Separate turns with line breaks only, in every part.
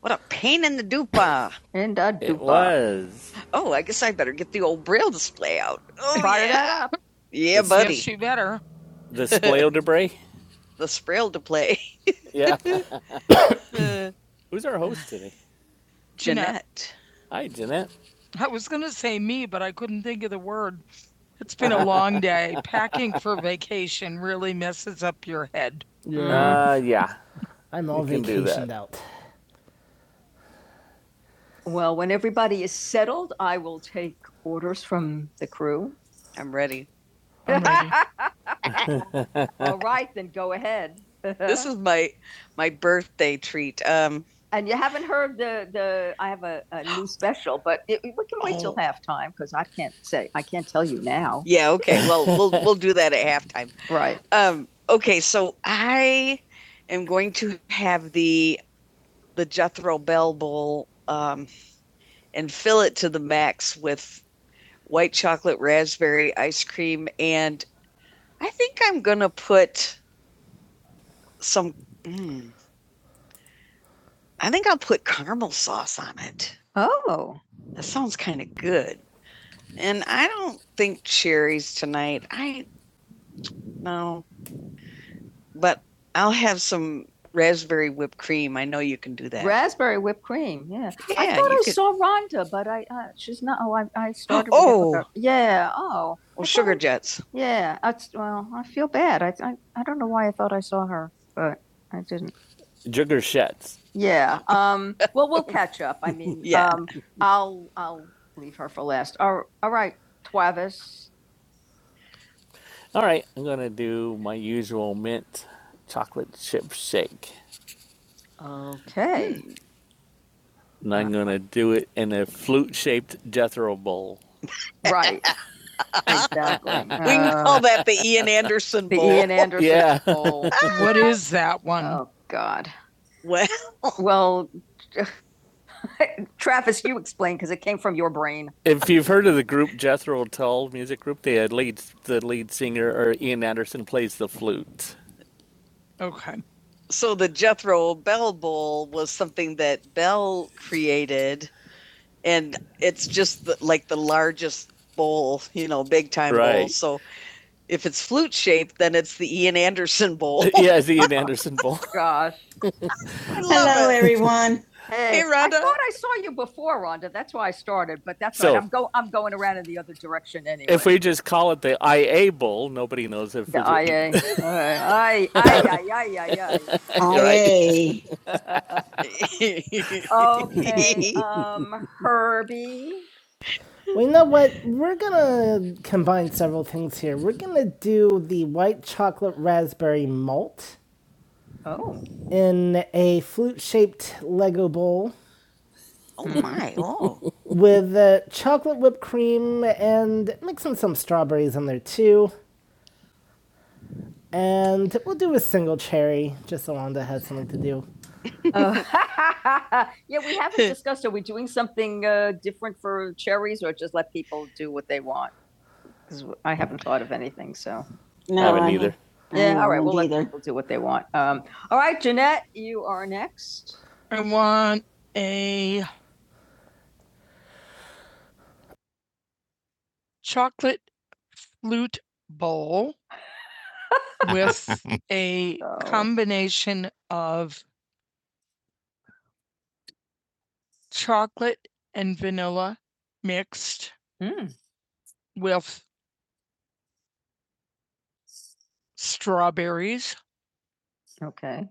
What a pain in the dupa. In the dupa. It was. Oh, I guess I better get the old braille display out. Oh, Fire yeah. that up. Yeah, it buddy. Yes, you better. The spoil debris? the sprail to play. Yeah. Who's our host today? Jeanette. Hi, Jeanette. I was going to say me, but I couldn't think of the word. It's been a long day. Packing for vacation really messes up your head. Yeah. Uh, yeah. I'm all you vacation. can do vacation Well, when everybody is settled, I will take orders from the crew. I'm ready. I'm ready. All right, then go ahead. This is my my birthday treat. Um, and you haven't heard the the. I have a, a new special, but it, we can wait oh. till Oh. halftime because I can't say I can't tell you now. yeah, okay. Well, we'll we'll do that at halftime. Right. Um, okay, so I am going to have the the Jethro Bell Bowl um, and fill it to the max with white chocolate raspberry ice cream, and I think I'm gonna put some. Mm, I think I'll put caramel sauce on it. Oh, That sounds kind of good. And I don't think cherries tonight. I no, but I'll have some raspberry whipped cream. I know you can do that. Raspberry whipped cream. Yeah. yeah I Yeah, thought I could- saw Rhonda, but I uh, she's not. Oh, I, I started. Oh. With her. Yeah. Oh. Well, sugar jets. Yeah. That's, well, I feel bad. I, I I don't know why I thought I saw her, but I didn't. Sugar jets. Yeah. Um. Well, we'll catch up. I mean, Yeah. um, I'll I'll leave her for last. All, all right, Travis. All right, I'm gonna do my usual mint chocolate chip shake, Okay. and Uh, I'm gonna do it in a flute-shaped Jethro bowl. right. Exactly. We can Uh, call that the Ian Anderson bowl. the Ian Anderson. Yeah. Bowl. What is that one? Oh God. well, Well, Travis, you explain because it came from your brain. If you've heard of the group Jethro Tull music group, the lead the lead singer or Ian Anderson plays the flute. Okay. so the Jethro Bell Bowl was something that Bell created, and it's just the, like the largest bowl, you know, big time right. bowl. Right. So if it's flute shaped, then it's the Ian Anderson Bowl. yeah, it's the Ian Anderson Bowl. Gosh. Hello, it. everyone. Hey, hey, Rhonda. I thought I saw you before, Rhonda. That's why I started, but that's So- right. I'm go I'm going around in the other direction anyway. If we just call it the IA Bowl, nobody knows if the it's IA. All right. Aye, aye, aye, aye, aye, aye. Aye, right. Okay, um, Herbie. Well, you know what? We're gonna combine several things here. We're gonna do the white chocolate raspberry malt Oh, in a flute-shaped Lego bowl Oh my! Oh, with uh, chocolate whipped cream and mixing some strawberries in there too. And we'll do a single cherry, just so Wanda has something to do. Oh. yeah, we haven't discussed. Are we doing something uh, different for cherries, or just let people do what they want? Because I haven't thought of anything. So No, I haven't I either. yeah, all right, We'll let either. people do what they want. Um, all right, Jeanette, you are next. I want a chocolate flute bowl with a Oh. combination of chocolate and vanilla mixed Mm. with strawberries Okay.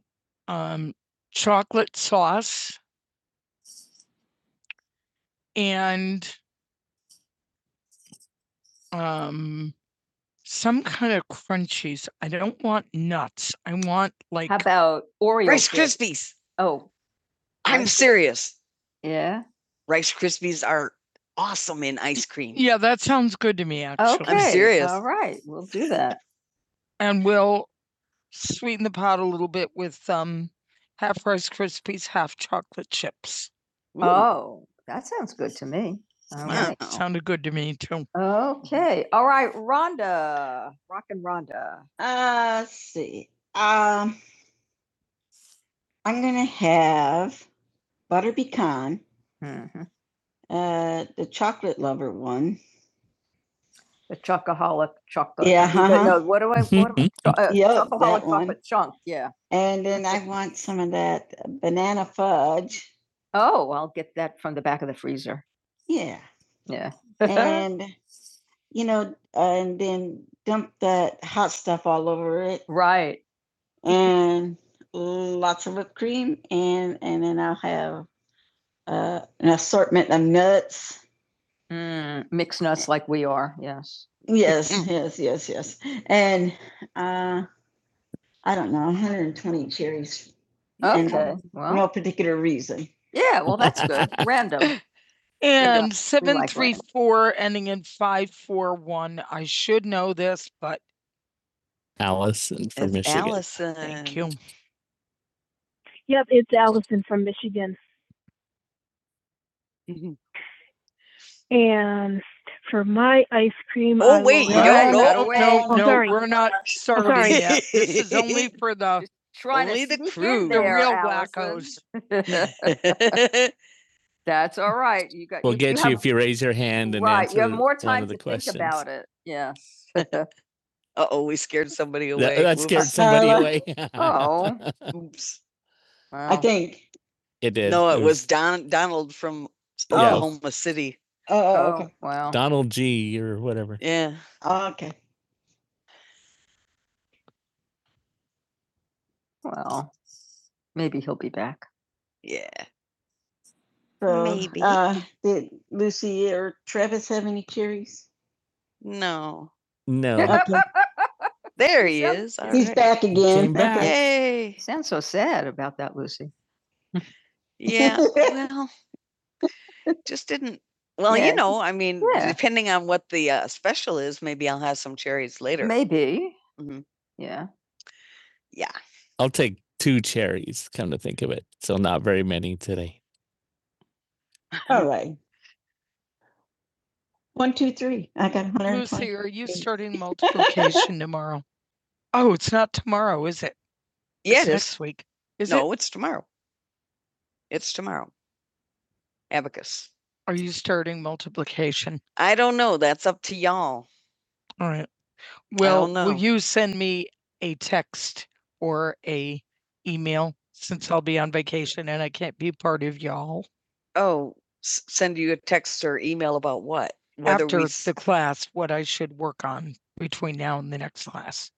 um, chocolate sauce and um, some kind of crunchies. I don't want nuts. I want like How about Oreo? Rice chips? Krispies. Oh, I'm Rice- serious. yeah. Rice Krispies are awesome in ice cream. yeah, that sounds good to me actually. i Okay. serious. All right, we'll do that. And we'll sweeten the pot a little bit with um half Rice Krispies, half chocolate chips. Ooh, Oh, that sounds good to me. All Yeah, right. Wow. sounded good to me too. Okay. All right, Rhonda, rockin' Rhonda. Uh, let's see. Um, I'm gonna have butter pecan, Mhm. uh, the chocolate lover one, a chocoholic chocolate. Yeah, uh-huh. No, what do I, want? uh, Yep, chocoholic chocolate chunk, yeah. And then I want some of that banana fudge. Oh, I'll get that from the back of the freezer. Yeah. Yeah. And, you know, uh, and then dump that hot stuff all over it Right. and lots of whipped cream. And, and then I'll have uh, an assortment of nuts Mm, mixed nuts like we are, yes. Yes, yes, yes, yes. And uh, I don't know, 120 cherries. And, Okay, No well, no particular reason. yeah, well, that's good. Random. And seven three four like ending in five four one. I should know this, but From It's Allison. thank you. Yep, it's Allison from Michigan. you. And for my ice cream, Oh, I wait, you have- No, no, Oh, no, we're not serving sorry. yet. This is only for the, Trying Only to the crew. in The real Allison. Wackos. That's all right. You got. We'll you, get you have- if you raise your hand and Right, answer you have more one time one of the to questions. think about it. Yeah. Uh-oh, we scared somebody away. That Whoops. scared Oops. somebody Uh, away. oh. Oops. Wow. I think, it did. No, it it was was Don Donald from Yeah. Oklahoma yeah. City. Oh, Oh, okay. wow. Donald G or whatever. Yeah, Oh, okay. Well, maybe he'll be back. yeah. So, Maybe. Uh, did Lucy or Travis have any cherries? No, No. Okay. there he Yep. is. All He's right. back again. back. Okay. Yay! You sound so sad about that, Lucy. Yeah. well, Just didn't well, you Yeah. know, I mean, Yeah. depending on what the, uh, special is, maybe I'll have some cherries later. Maybe. Mhm. Yeah. Yeah. I'll take two cherries, come to think of it. So not very many today. All right. One, two, three. I got Lucy, 120. are you starting multiplication tomorrow? Oh, it's not tomorrow, is it? Yeah, It's it is. Next week. Is it? No, it's tomorrow. It's tomorrow. Abacus. Are you starting multiplication? I don't know. That's up to y'all. All right. I Will, don't will know. you send me a text or a email since I'll be on vacation and I can't be part of y'all Oh, s- send you a text or email about what? Whether after we after the s- class, what I should work on between now and the next class?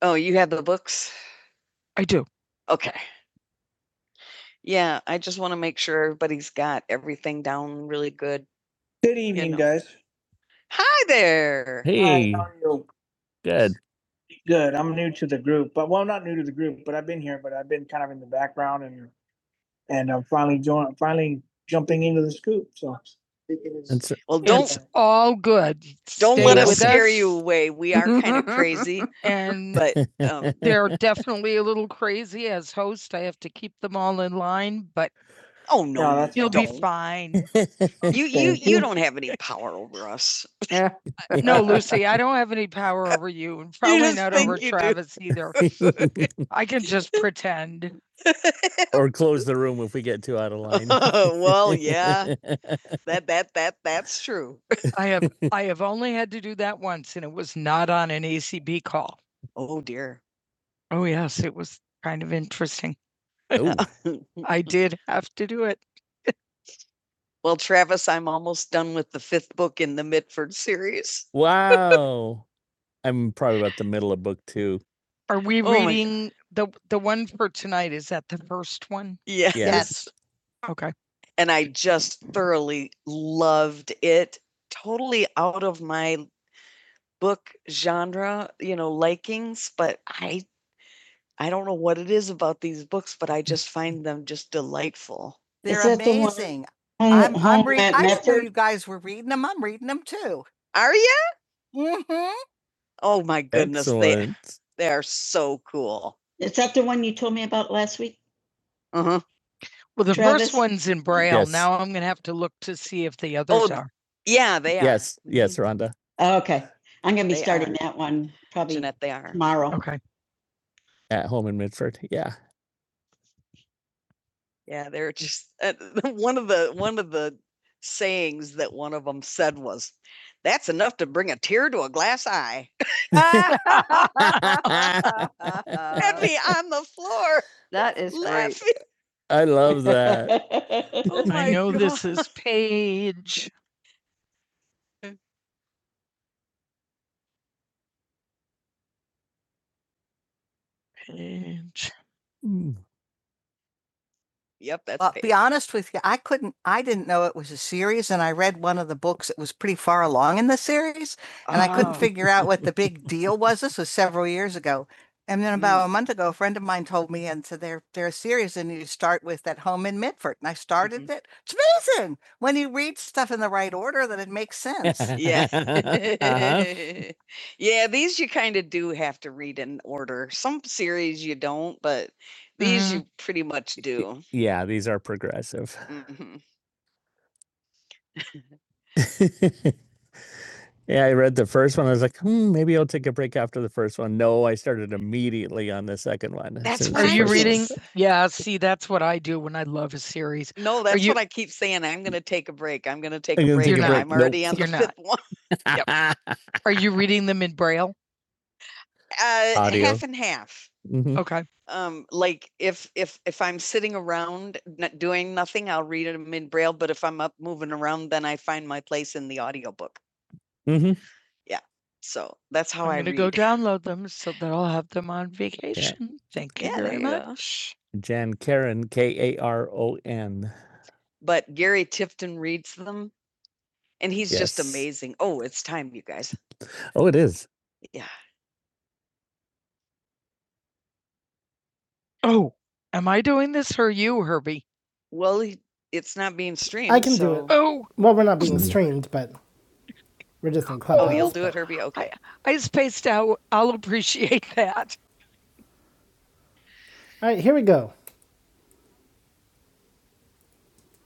Oh, you have the books? I do. Okay. Yeah, I just want to make sure everybody's got everything down really good. Good You evening, know. guys. Hi there. Hi, Hey, how are you? good. Good. I'm new to the group, but well, I'm not new to the group, but I've been here, but I've been kind of in the background and and I'm finally joining, finally jumping into the scoop. So And so, Well, don't it's all good. don't Stay let us with scare us. you away. We are kind of crazy, And but um, they're definitely a little crazy as host. I have to keep them all in line, but Oh, no, No, that's you will be don't. fine. You, you, Thank you you. don't have any power over us. Yeah. No, Lucy, I don't have any power over you and You probably just not think over you do. Travis either. I can just pretend. or close the room if we get too out of line. Well, yeah, that, that, that, that's true. I have I have only had to do that once and it was not on an ACB call. Oh, dear. Oh yes, it was kind of interesting. Ooh. I did have to do it. Well, Travis, I'm almost done with the fifth book in the Mitford series. Wow. I'm probably about the middle of book two. Are we Oh reading the the one for tonight? Is that the first one? Yes. Yes. Okay. And I just thoroughly loved it. Totally out of my book genre, you know, likings, but I I don't know what it is about these books, but I just find them just delightful. They're Is the amazing. I'm, I'm reading. I did know you guys I'm reading them too. Are you? hmm Oh my goodness, they Excellent. they they are so cool. Is that the one you told me about last week? Uh-huh. Well, the Travis? first one's in Braille. Yes. Now I'm going to have to look to see if the others th- are. Yeah, they are. Yes, yes, Rhonda. Oh, okay. I'm going to be They starting are. that one probably Jeanette, they are. tomorrow. Okay. At home in Midford. Yeah. Yeah, they're just uh, one of the one of the sayings that one of them said was, "That's enough to bring a tear to a glass eye." Had me on the floor That is great. I love that. Oh my I know God. this is Paige. Paige. Mm. Yep, that's Uh, Paige. I didn't know it was a series, and I read one of the books that was long in the series, and oh. I couldn't Oh. figure out what the big deal was. This was several years ago. And then about mm. a month ago, a friend of mine told me, and so they're they're a series, and you start with that home in Medford. And I started mm-hmm. it, When you read stuff in the right order, then it makes sense. Yeah. Uh-huh. Yeah, these you kind of do have to read in order. Some series you don't, but these Mhm. you pretty much Y- do. Yeah, these are progressive. Mhm. Yeah, I read the first one. I was like, hmm, maybe I'll take a break after the first one. No, I started immediately on the second one. That's soon as what Are I you reading? Yeah, see, that's what I do when I love a series. No, that's you- what I keep saying. I'm going to take a break. I'm going to take I'm a break. take a break. I'm nope. already Nope. on You're the You're fifth one. Yep. Are you reading them in Braille? Uh, Audio. half and half. Mhm. Okay. um like if if if i'm sitting around not doing nothing i'll read them in braille but if i'm up moving around then i find my place in the audiobook Mhm. Yeah. So that's how I'm I gonna go read. download them so that I'll have them on Yeah. vacation. Thank you Yeah, there very there you go. much. Jan Karen, K A R O N. But Gary Tifton reads them and he's just Yes. amazing. Oh, it's time, you guys. Oh, it is. Yeah. Oh, am I doing this or you, Herbie? Well, he, it's not being I streamed. can do it. so- Oh, Well, we're not being Mhm. streamed, but we're just in Oh, Clubhouse. you'll do it, Herbie. I Okay. I spaced out. I'll appreciate that. All right, here we go.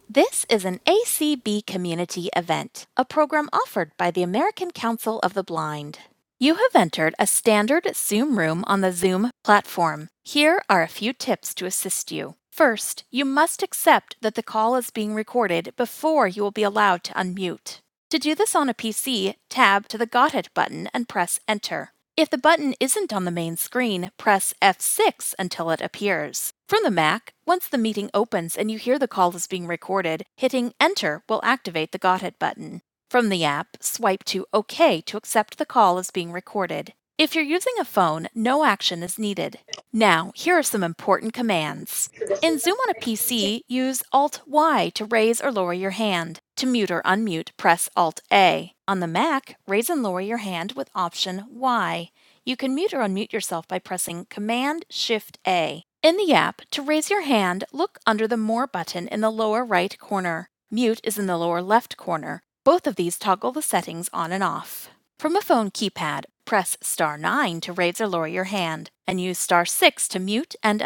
This is an ACB community event, a program offered by the American Count the Blind. You have entered a standard room on the Zoom platform. Here are to assist you. First, you opted before you to do this on tap and press enter. If press X until errors. From the Mac, once here the call is being recorded, hitting enter will activate the Got It button. From the app, swipe to OK to accept the call as being recorded. If using a phone, no action is needed. In Zoom on a PC, use Alt 1 to raise or lower your hand. To mute or unmute, press Alt. On the Mac, raise and lower your hand with Option Y. You can unmute yourself by pressing Command Shift A. In the app, to and look under the More button in the lower right corner. Mute is in the lower left corner. Both of these toggle the settings on and off. From a phone keypad, press star 9 to raise or lower your hand and use star 6 to mute.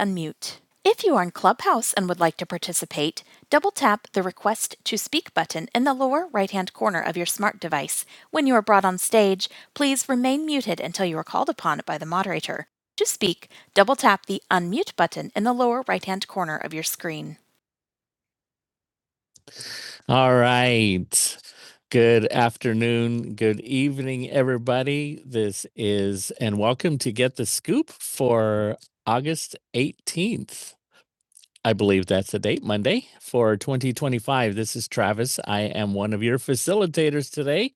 unmute. If you are in Clubhouse and would like to participate, double tap the request to send in the lower right hand corner of your smart device. When you are brought on stage, please remain muted until you are called upon by the moderator. To speak, double tap the unmute button in the lower right hand corner of your screen. All right. Good afternoon, good evening, everybody. This is, and welcome to Get the Scoop for August 18th. I believe that's the date, Monday for 2025. This is Travis. I am one of your facilitators today.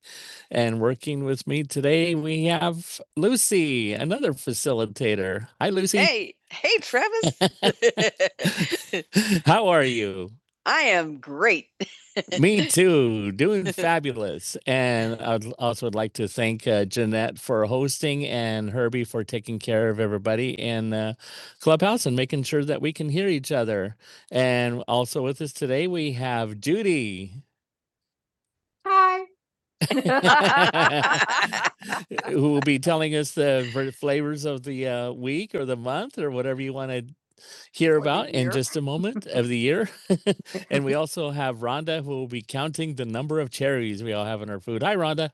And working with me today, we have Lucy, another facilitator. Hi, Lucy. Hey, hey, Travis. How are you? I am great. Me too. Doing fabulous. And I'd also would like to thank uh, Jeanette for hosting and Herbie for taking care of everybody and uh, Clubhouse and making sure that we can hear each other. And also with us today, we have Judy. who will be telling us the flavors of the uh, week or the month or whatever you want to hear Or the about the in year. just a moment of the year. and we also have Rhonda who will be counting the number of cherries we all have in our food. Hi, Rhonda.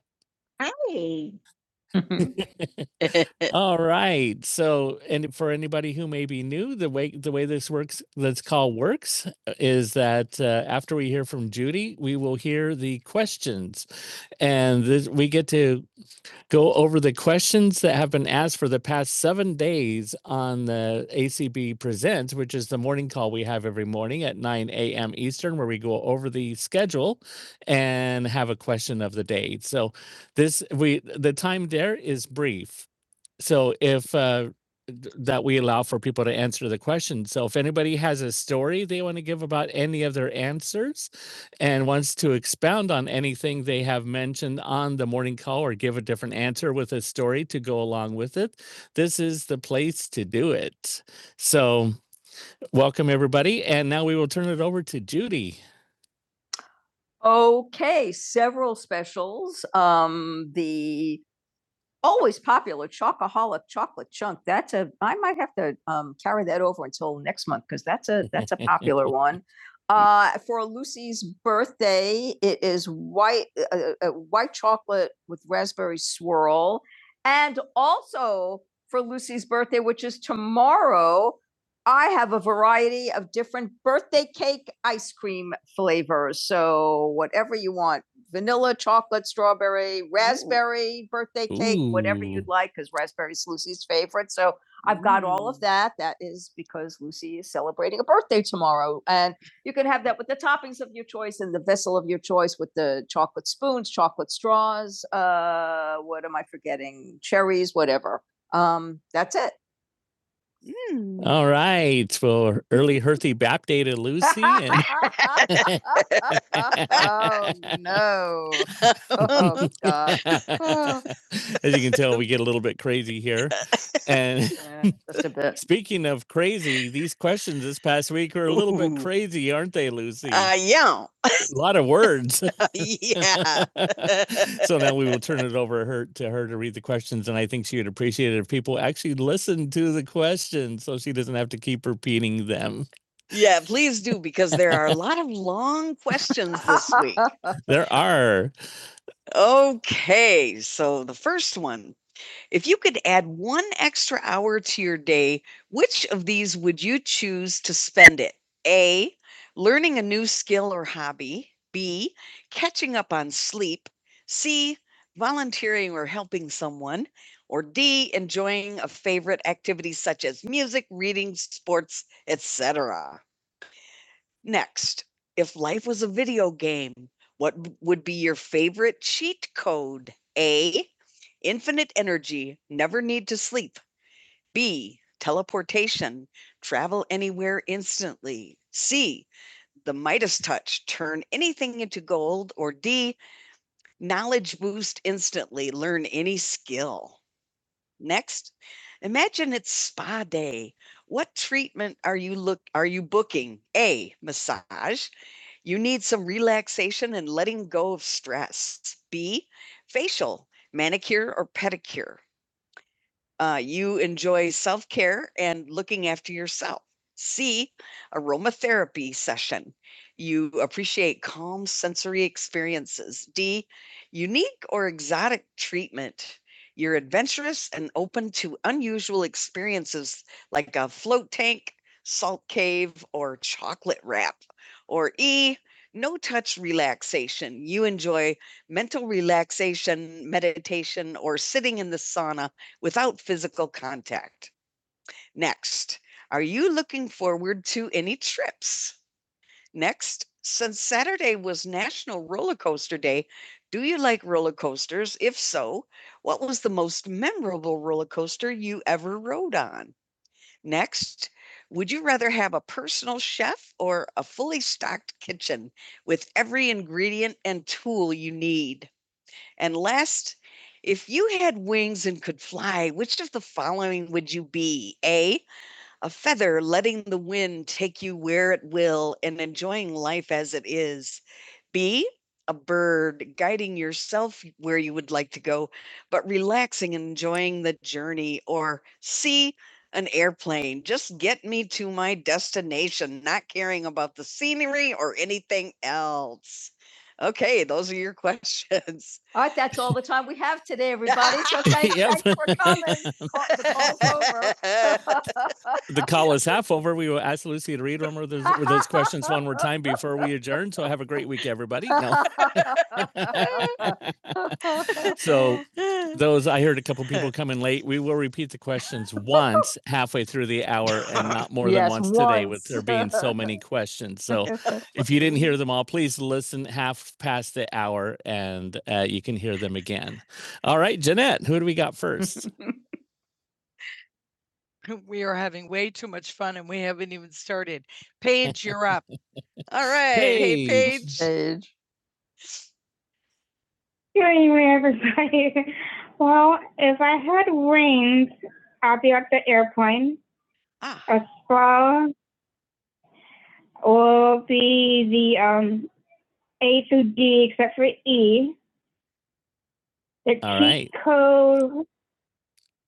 Hi. All right. So, and for anybody who may be new, the way the way this works, this call works, uh, is that uh, after we hear from Judy, we will hear the questions, and this, we get to go over the questions that have been asked for the past seven days on the ACB Presents, which is the morning call we have every morning at nine a.m. Eastern, where we go over the schedule and have a question of the day. So, this we the time there is brief so if uh, th- that we allow for people to answer the question. So if anybody has a story they want to give about any of their answers and wants to expound on anything they have mentioned on the morning call or give a different answer with a story to go along with it, this is the place to do it. So welcome everybody. And now we will turn it over to Judy. Okay, several specials. Um, the always popular chocoholic chocolate chunk that's a i might have to um, carry that over until next month because that's a that's a popular one uh for lucy's birthday it is white uh, uh, white chocolate with raspberry swirl and also for lucy's birthday which is tomorrow i have a variety of different birthday cake ice cream flavors so whatever you want vanilla, chocolate, strawberry, raspberry, Ooh. birthday cake, Ooh. whatever you'd like, because raspberry's Lucy's favorite. So I've got all of that. That is because Lucy is celebrating a birthday tomorrow. And you can have that with the toppings of your choice and the vessel of your choice with the chocolate spoons, chocolate straws, uh, what am I forgetting? Cherries, whatever. Um, that's it. Mm. All right. Well, early Herthy Bap Day to Lucy. And oh no! Oh, God. as you can tell, we get a little bit crazy here. And Yeah, just a bit. speaking of crazy, these questions this past week were a little bit Ooh. crazy, aren't they, Lucy? Uh, yeah, a lot of words. yeah. so now we will turn it over her to her to read the questions, and I think she would appreciate it if people actually listen to the questions, so she doesn't have to keep repeating them. Yeah, please do because there are a lot of long questions this week. There are Okay, so the first one if you could add one extra hour to your day, which of these would you choose to spend it? A, learning a new skill or hobby. B, catching up on sleep. C, volunteering or helping someone. Or D, enjoying a favorite activity such as music, reading, sports, etc. Next, if life was a video game, what w- would be your favorite cheat code? A, infinite energy, never need to sleep. B, teleportation, travel anywhere instantly. C, the Midas touch, turn anything into gold. Or D, knowledge boost instantly, learn any skill. Next, imagine it's spa day. What treatment are you look are you booking? A, massage you need some relaxation and letting go of stress. B, facial, manicure or pedicure. Uh, you enjoy self care and looking after yourself. C, aromatherapy session. You appreciate calm sensory experiences. D, unique or exotic treatment. You're adventurous and open to unusual experiences like a float tank, salt cave, or chocolate wrap. Or E, no touch relaxation. You enjoy mental relaxation, meditation, or sitting in the sauna without physical contact. Next, are you looking forward to any trips? Next, since Saturday was National Roller Coaster Day, do you like roller coasters? If so, what was the most memorable roller coaster you ever rode on? Next, would you rather have a personal chef or a fully stocked kitchen with every ingredient and tool you need? And last, if you had wings and could fly, which of the following would you be? A, a feather letting the wind take you where it will and enjoying life as it is. B, a bird guiding yourself where you would like to go, but relaxing and enjoying the journey. Or C, an airplane. Just get me to my destination, not caring about the scenery or anything else. Okay, those are your questions. All right, that's all the time we have today, everybody. So thanks, Yep. thanks for coming. The call's over. the call is half over. We will ask Lucy to read over those, or those questions one more time before we adjourn. So have a great week, everybody. No. so those I heard a couple people coming late. We will repeat the questions once halfway through the hour and not more yes, than Yes, once, today with there being so many questions. So if you didn't hear them all, please listen half past the hour and uh, you can hear them again. All right, Jeanette, who do we got first? We are having way too much fun and we haven't even started. Paige, you're up. All right. Paige. Hey, Paige. Paige. Good evening, everybody. Well, if I had wings, I'll be at the airplane. Ah, A spa will be the um, A through D except for E. The cheat All cheat right. code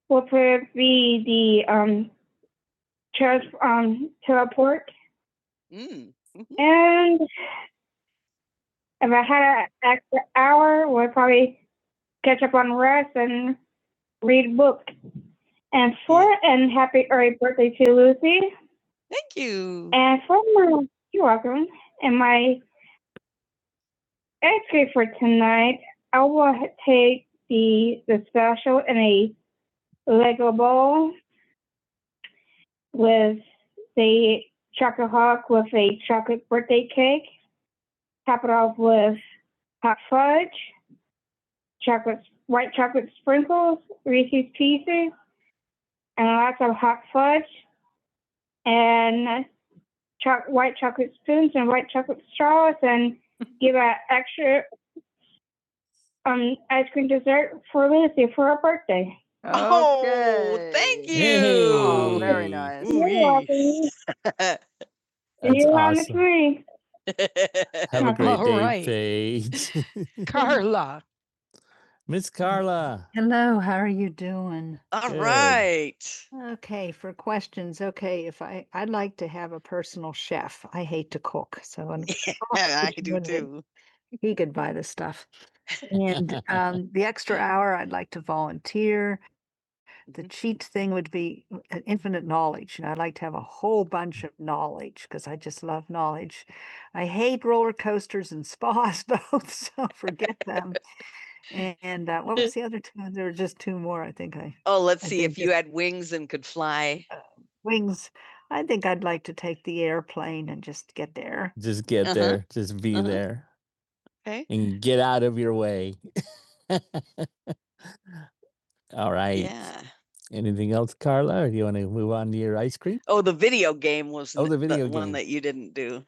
will probably be the um, trans- um, teleport. mm, Mm-hmm. And if I had an extra hour, I would probably catch up on rest and read books. And for and happy early birthday to Lucy. Thank you. And for my you're welcome. And my entry for tonight, I will take the the special in a Lego bowl with the chocolate hawk with a chocolate birthday cake. Top it off with hot fudge chocolate, white chocolate sprinkles, Reese's Pieces, and lots of hot fudge, and cho- white chocolate spoons and white chocolate straws, and give an extra um, ice cream dessert for Lucy for her birthday. Okay. Oh, thank Okay. you. Yay. Oh, very nice. You're welcome. That's You're on the awesome. tree. Have a great All day, right. Paige. Carla. Miss Carla. Hello, how All Good. right. Okay, for question, I, I, I cook, so I'm Yeah, I do wondering too. if he could buy the stuff. And um, the extra hour, I'd like to volunteer. The Mhm. cheat thing would be uh, an infinite knowledge, and I'd like to have a whole bunch of knowledge because I just love knowledge. I hate roller coasters and spas both, so forget them. And, uh, what was the other two? There were just two more. I think I Oh, let's I see if think you had wings and could fly. Wings. I think I'd like to take the airplane and just get there. Just get Uh-huh. there. Just be Uh-huh. there Okay. and get out of your way. All right. Yeah. Anything else, Carla? Or do you want to move on to your ice cream? Oh, the video game was Oh, th- the the video one game. that you didn't do.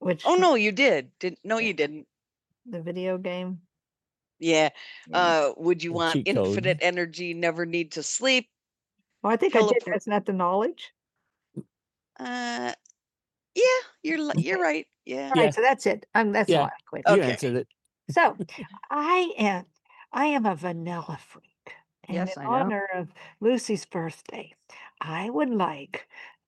Which Oh w- no, you did. Didn't no, yeah, you didn't. the video game. Yeah. Yeah. Uh would you The want cheat infinite code. energy, never need to sleep, Oh, I think I did. teleport? Isn't that the knowledge? Uh Yeah, you're li you're Okay. right, yeah. All right, Yeah. so that's it. Um, that's Yeah. why Yeah. I quit. You Okay. answered it. So, I am I am a vanilla freak, and in Yes, I know. honor of Lucy's birthday, I would like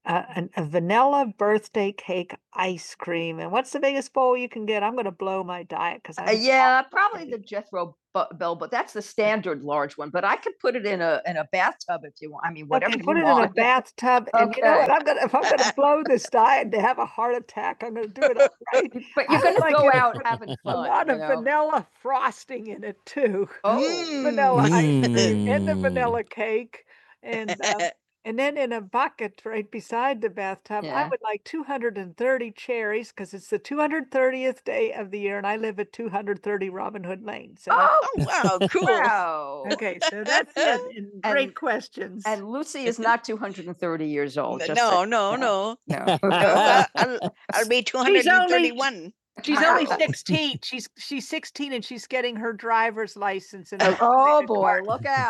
a, an- a vanilla birthday cake ice cream. And what's the biggest bowl you can get? I'm going to blow my diet because Uh, I'm yeah, probably the Jethro Bell, but that's the standard large one. But I could put it in a in a bathtub if you want. I mean, whatever Okay, you want. put it want. in a want. bathtub, Okay. and you know Okay, what? I'm gonna if I'm gonna blow this diet to have a heart attack, I'm gonna do it all right. but you're would gonna like go out with having fun. a lot of know. vanilla frosting in it too. Oh, mm. Vanilla I ice cream and the Mm. vanilla cake, and uh, and then in a bucket right beside the bathtub, I Yeah. would like 230 cherries because it's the 230th day of the year, and I live at 230 Robin Hood Lane, so that's Oh, wow, cool. Wow. Okay, so that's it, and and great questions. and Lucy is not 230 years old, N- just that No, no, no, no. no. No, I- I'll, I'll be She's only 231. she's only 16. She's she's 16, and she's getting her driver's license in a Oh related boy, car. look out.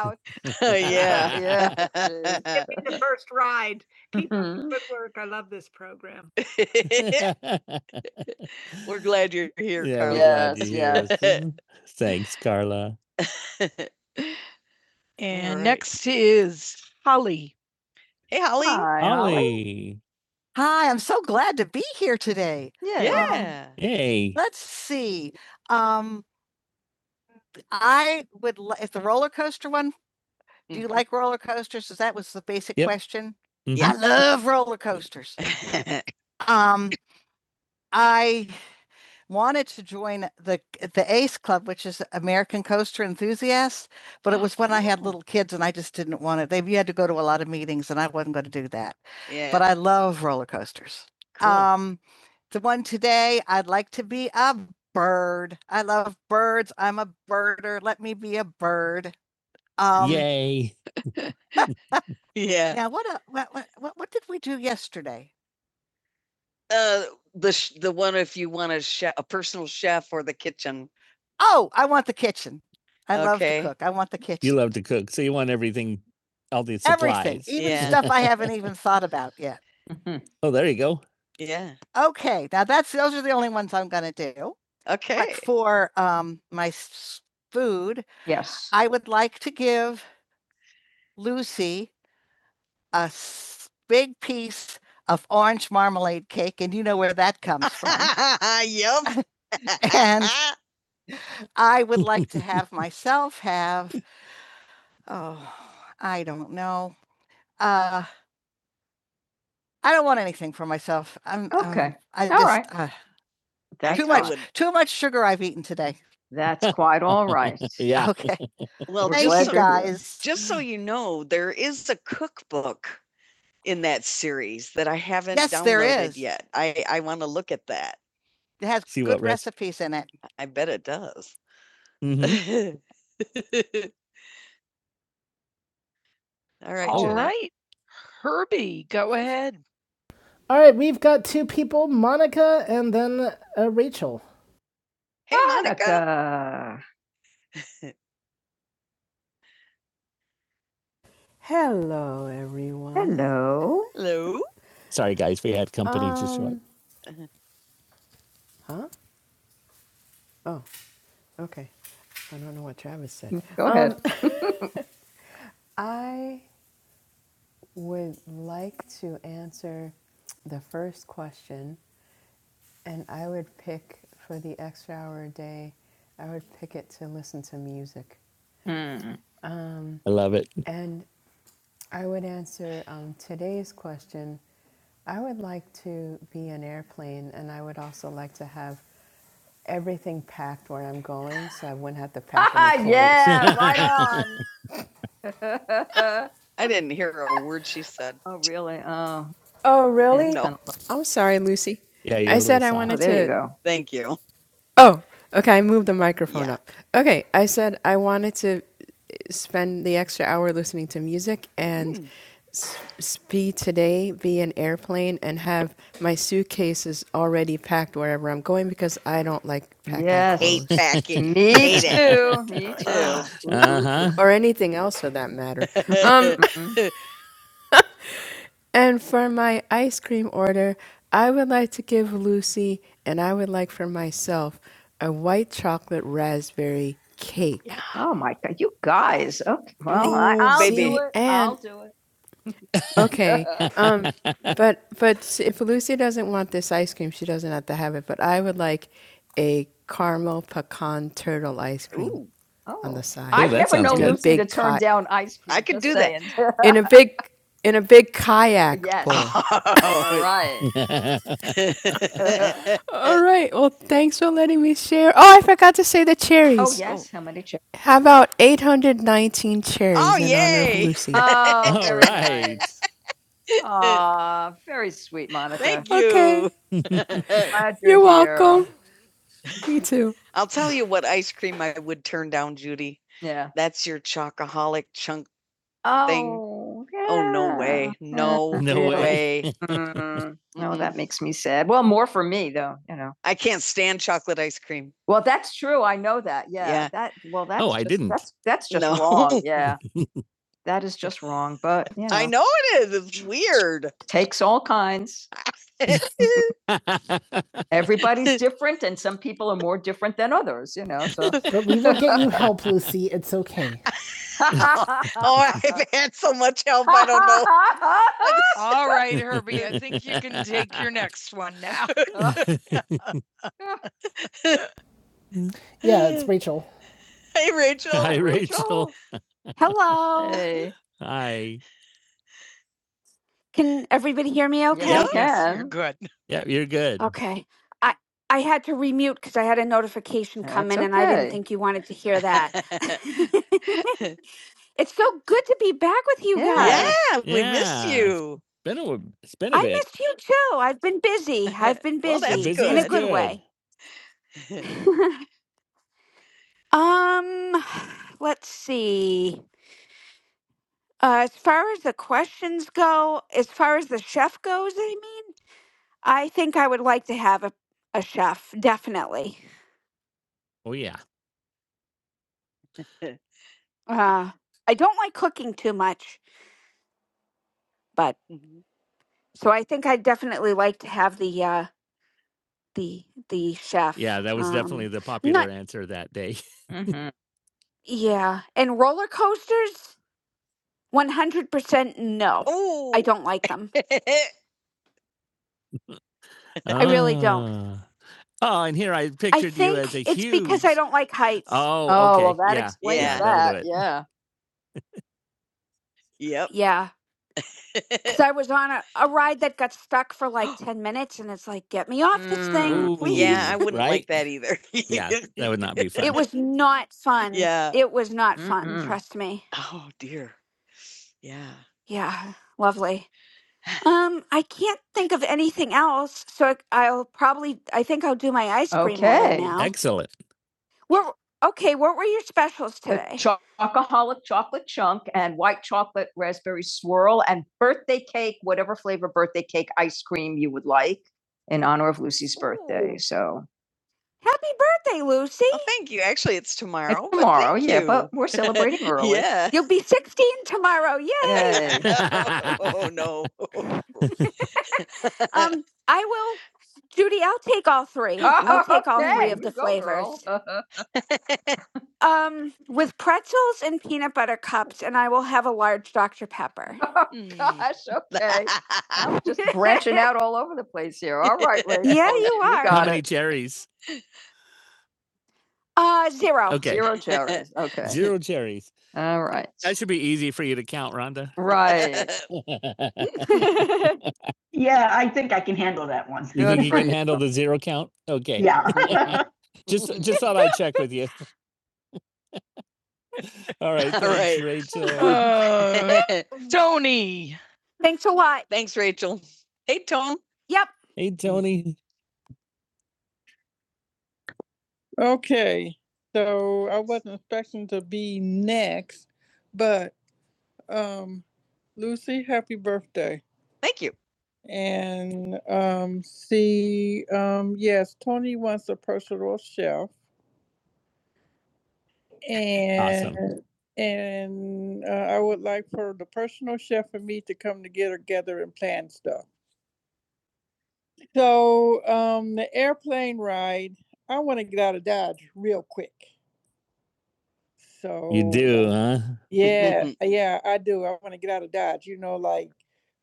Oh, yeah. yeah. Give Yeah. me the first ride. Keep mm-hmm. up the Mhm. good work. I love this program. We're glad you're here, Yeah, Carla. Yes, are Yes, Thanks, Carla. And right. next is Holly. Hey, Holly. Hi, Holly. Hey, Yeah. Yeah. Hey. Let's see. Um, I if the role do you like the Yep. question Mhm. hot toasters? I the ACE Club, which is American Coaster Enthusiasts. But it was when I had Oh. little kids and I just didn't want it. They, you had to go to a lot of meetings and I wasn't going to do that. Yeah. But I love roller coasters. Cool. Um, the one today, I'd like to be a bird. I love birds. I'm a birder. Let me be a bird. Um, Yay. yeah. now what, uh, what, what, what did we do yesterday? Uh, the, sh- the one if you want a chef, a personal chef or the kitchen. Oh, I want the kitchen. I love Okay. to Okay. cook. I want the You kitchen. love to cook, so you want everything, all the Everything, supplies. even Yeah. stuff I haven't even thought about yet. Mhm. Oh, there you go. Yeah. Now that's those are the only ones But Okay. like for food. Yes. I lose the orange marmalade cake, and you know where that comes from. yep. And I would like to have myself have, oh, I don't know, Uh, I don't want anything for myself. I'm um, Okay. I All just right. uh, That's too all- much would. too much sugar I've eaten today. That's quite all right. Yeah. Okay. Well, We're Thank glad you you're here. guys. just so you know, there is a cookbook in that series that I haven't Yes, downloaded there downloaded is. yet. I, I want to look at that. Has See good what rest- recipe. I bet it does. Mhm. All right. All Jeanette. right. Herbie, go ahead. All right, we've got two people, Monica and then uh, Rachel. Hey, Monica. Monica.
Hello, everyone.
Hello. Sorry, guys, we had company just show up.
Um, huh? Oh, okay. I don't know what Travis said.
Go
Um,
ahead.
I would like to answer the first question, and I would pick for the extra hour a day, I would pick it to listen to music.
Mm. I love it.
And I would answer um, today's question. I would like to be an airplane, and I would also like to have everything packed where I'm going, so I wouldn't have to pack any
Ah,
clothes.
yeah, right on. I didn't hear a word she said. oh, really? Oh,
Oh,
it's No.
really?
kinda-
I'm sorry, Lucy.
Yeah,
I
you're a little
said I
soft. oh,
wanted
there you
to.
go. Thank you.
Oh, okay. I moved the microphone
Yeah.
up. Okay, I said I wanted to eh, spend the extra hour listening to music and
Mm.
s- s- be today, be an airplane, and have my suitcases already packed wherever I'm going because I don't like packing
Yes. I Hate
clothes.
packing. Me Hate it. too. Me too.
I know.
Uh huh.
Or anything else for that matter. Um, and for my ice cream order, I would like to give Lucy, and I would like for myself, a white chocolate raspberry cake.
oh my god, you guys. Okay. Well, Ooh, I, I'll baby. do
See,
it.
and
I'll do it.
okay, um, but but s- if Lucy doesn't want this ice cream, she doesn't have to have it. But I would like a caramel pecan turtle ice cream
Ooh,
on the
Oh, Oh,
side
I've never sounds known
in
good.
a
Lucy to
big
turn
cot
down ice cream. I could just do saying. that.
in a big in a big kayak
Yes, all
bowl.
oh, All right.
All right. Well, thanks for letting me share. Oh, I forgot to say the
Oh,
cherries.
yes, Oh. how many chips?
How about 819
oh,
cherries in honor of
yay!
Lucy?
Oh, All very very sweet, Monica. Thank
Okay.
you. Glad you're
You're
here.
welcome. Me too.
I'll tell you what ice cream I would turn down, Judy. Yeah. That's your chocoholic chunk thing. Oh, yeah. Oh, no yeah. way. No No way. way. Mm, No, that makes me sad. Well, more for me though, you know. I can't stand chocolate ice cream. Well, that's true. I know that. Yeah. Yeah. That well that's I just- I didn't. That's that's just No. wrong. Yeah. That is just wrong. But you know, I know it is. It's weird. takes all kinds. Everybody's different and some people are more different than others, you know. So But we will get you help, Lucy. It's okay. Oh, I've had so much help. I don't know. All right, Herbie, I think you can take your next one now. Yeah, it's Rachel. Hey, Rachel. Hi, Rachel.
Hello.
Hey, Hi.
Can everybody hear me
yes, Yeah. yep. you
okay?
Yes, you're good. Yeah, you're good.
Okay. I I had to remute cuz I had a notification come
That's
in and I didn't
okay.
think you wanted to hear that. it's so good to be back with you
Yeah. yeah,
guys.
we Yeah. missed you. It's Been a, it's been a
I
bit.
missed you too. I've been busy. I've been
well, that's good.
busy
busy
in
is
a good
good.
way. um let's see. Uh, as far as the questions go, as far as the chef goes, I mean, I think I would like to have a, a chef, definitely.
Oh yeah.
Uh, I don't like cooking too much, but so I think I definitely like to have the uh the the chef.
Yeah, that was definitely
Um,
the
I'm
popular
not
answer that day. Mhm.
yeah, and roller coasters, 100% no. I
Oh.
don't like them. I really don't.
Ah. Oh, and here I
I
pictured you as
think
a
it's because I
huge
don't like heights.
Oh, Oh, well, okay. that Yeah. explains Yeah, Yeah. that'll do that. it. Yeah.
Yeah, because I was on a, a ride that got stuck for like
Yep.
10 minutes and it's like, get me off this thing,
Mm. yeah,
please.
I Ooh, wouldn't like right? that either. Yeah, that would not be
it
fun.
was not fun.
yeah.
It was not fun,
Mm-mm.
trust me.
Oh dear. Yeah.
Yeah, lovely. Um, I can't think of anything else, so I- I'll probably I think I'll do my ice cream order
Okay.
now.
Excellent.
What okay, what were your specials
the
today?
chocoholic chocolate chunk and white chocolate raspberry swirl and birthday cake, whatever flavor birthday cake ice cream you would like in honor of Lucy's birthday.
Ooh.
So
Happy birthday, Lucy.
Oh, thank you. Actually, it's tomorrow. it's tomorrow. but tomorrow, yeah, you. but we're celebrating early. yeah.
You'll be 16 tomorrow. Yay.
Yay. oh no.
Um, I will Judy, I'll take all three. I'll
Oh,
take all three
okay,
of the
you go, girl.
flavors. Um, with pretzels and peanut butter cups, and I will have a large Dr. Pepper.
Oh Gosh, okay. I'm just branching out all over the place here. All right,
Yeah,
Rachel,
you
you got
are.
it. How many cherries?
Uh, zero.
Okay. Zero cherries. Okay. Zero cherries. All right. That should be easy for you to count, Rhonda. Right. Yeah, I think I can handle that one. You think you can handle the zero count? Okay. Yeah. Just just thought I'd check with you. All right. Thanks, All right. Rachel. Uh, Tony.
Thanks a lot.
Thanks, Rachel. Hey, Tony.
Yep.
hey Tony. Okay, so I wasn't expecting to be next, but um, Lucy, happy birthday. Thank you. And um, see, um, yes, Tony wants a personal chef. And awesome. and uh, I would like for the personal chef and me to come together, together and plan stuff. So um, the airplane ride, I want to get out of Dodge real quick. So You do, huh? yeah, yeah, I do. I want to get out of Dodge. You know, like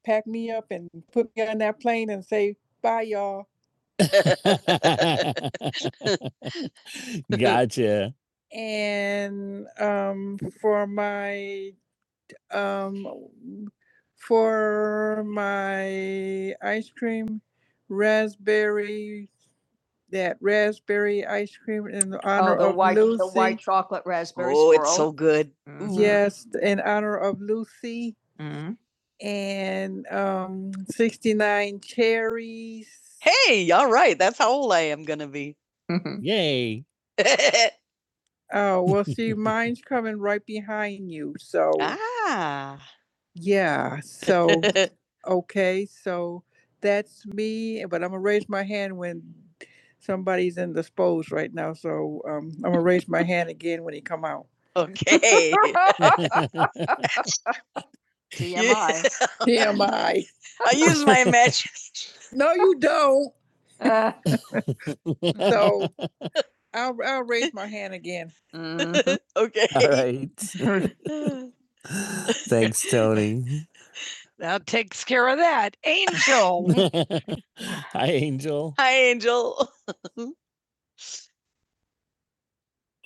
pack me up and put me on that plane and say bye, y'all. gotcha. and um for my um for my ice cream raspberry that raspberry ice cream in honor Oh, the of white, Lucy. the white Lucy. chocolate raspberry Oh, swirl. it's swirl. so good. Mhm. Yes, in honor of Lucy. Mhm and um, 69 cherries. Hey, all right. That's how old I am going to be. Yay. Oh, well, see, mine coming right behind you. So, ah. yeah. So, okay. So that's me, but I'm going to raise my hand when somebody's in the spose right now. So um, I'm going to raise my hand again when he come out. Okay. TMI. TMI. I T M I. I use my imagination. No, you don't. Uh, So I'll, I'll raise my hand again. mhm. Okay. All right. Thanks, Tony. That takes care of that. Angel. Hi, Angel. Hi, Angel.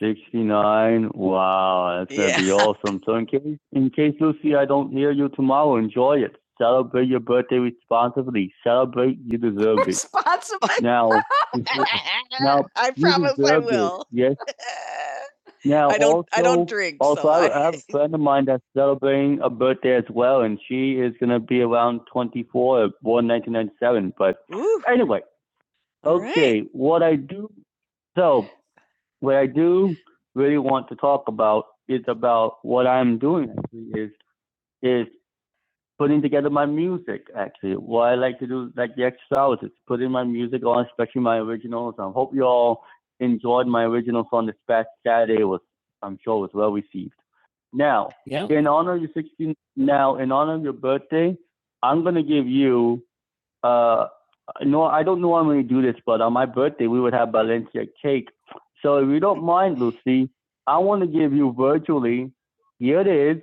69. Wow, that's gonna yeah. be Yeah. awesome. So in case in case Lucy, I don't hear you tomorrow, enjoy it. Celebrate your birthday responsibly. Celebrate, you deserve it. Responsible. Now, now, I you promise I deserve it. will. Yes. Now, I don't. Also, I don't drink. Also, so I I- have a friend of mine that's celebrating a birthday as well, and she is gonna be around 24, born 1997. But Ooh, anyway, All right. okay, what I do. So what I do really want to talk about is about what I'm doing actually is is putting together my music actually. What I like to do like the extra hours is putting my music on, especially my originals. I hope you all enjoyed my original song this past Saturday was I'm sure was well received. Now Yeah. in honor of your 16 now in honor of your birthday, I'm gonna give you uh, no, I don't normally do this, but on my birthday we would have Valencia cake. So if you don't mind, Lucy, I want to give you virtually. Here it is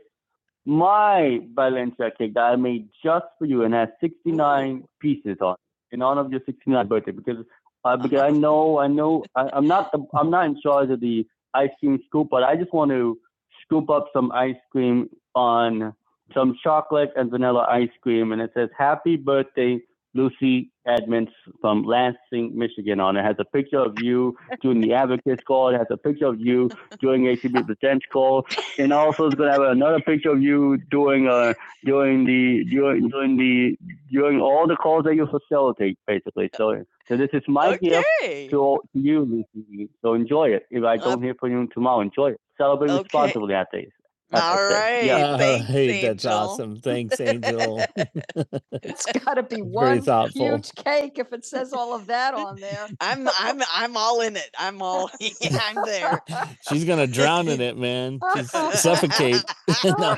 my Balenciaga cake that I made just for you and has 69 pieces on it, in honor of your 69th birthday because uh, because I know I know I, I'm not the, I'm not in charge of the ice cream scoop, but I just want to scoop up some ice cream on some chocolate and vanilla ice cream, and it says "Happy Birthday." Lucy Edmonds from Lansing, Michigan, on it has a picture of you doing the advocates call. It has a picture of you doing ACB Presents call and also it's gonna have another picture of you doing uh doing the doing doing the doing all the calls that you facilitate basically. So so this is my gift Okay. to all to you Lucy, if I don't uh, hear for joy. Celebrate okay. responsibly, I think. All right, I right. Yeah. Uh, Thanks, Angel. that's awesome. Thanks, Angel. It's got to be one huge cake if it says all of that on there. I'm I'm I'm all in it. I'm all yeah, I'm there. She's gonna drown in it, man. She's suffocate. No.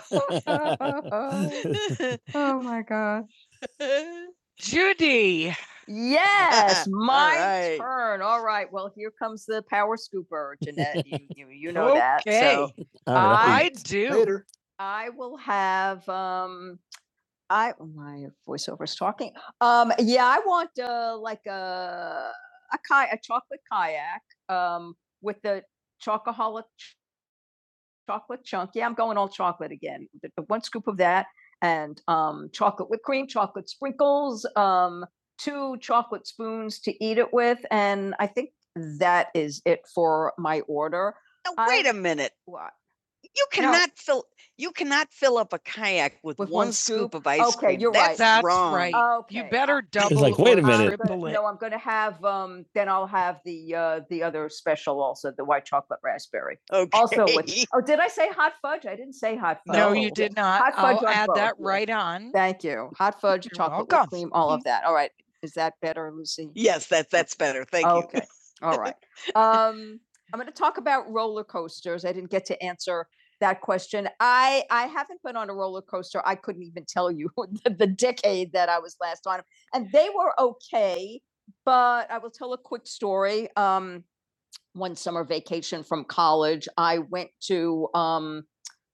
Oh my gosh. Judy. Yes, my right. turn. All right. Well, here comes the power scooper, Jeanette. You, you, you know okay. that. So Okay. All right. I do. Later. I will have um I my voiceover is talking. Um, yeah, I want uh like a a ki- a chocolate kayak um with the chocoholic ch- chocolate chunk. Yeah, I'm going all chocolate again. The- the One scoop of that and um chocolate whipped cream, chocolate sprinkles, um two chocolate spoons to eat it with, and I think that is it for my order. Now, I wait a minute. what? You No, cannot fill you cannot fill up a kayak with With one one scoop of ice Okay, cream. Okay, you're That's right. That's wrong. right. Okay. You better double. It's like, wait a minute. gonna- No, I'm going to have, um, then I'll have the, uh, the other special also, the white chocolate raspberry. Okay. Also with, oh, did I say hot fudge? I didn't say hot fudge. No, No. you did not. Hot fudge I'll add both, that yeah. right on. Thank you. Hot fudge, You're chocolate welcome. cream, all of that. All right. Is that better, Lucy? yes, that's that's better. Thank okay. you. okay. All right. Um, I'm going to talk about roller coasters. I didn't get to answer that question. I I haven't been on a roller coaster. I couldn't even tell you the, the decade that I was last on, and they were okay. But I will tell a quick story. Um, one summer vacation from college, I went to, um,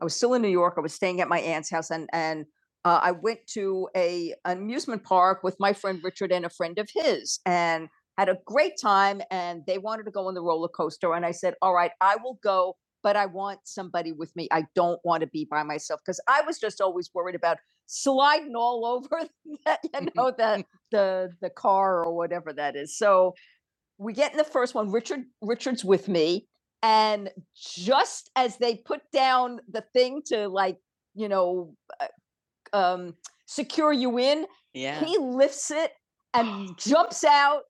I was still in New York. I was staying at my aunt's house and, and uh, I went to a an amusement park with my friend Richard and a friend of his and had a great time. And they wanted to go on the roller coaster. And I said, all right, I will go, but I want somebody with me. I don't want to be by myself because I was just always worried about sliding all over that, you know, the, the, the car or whatever that is. So we get in the first one richard richard's with me and just as they put down the thing to like you know um, secure you in. Yeah. He lifts it and jumps out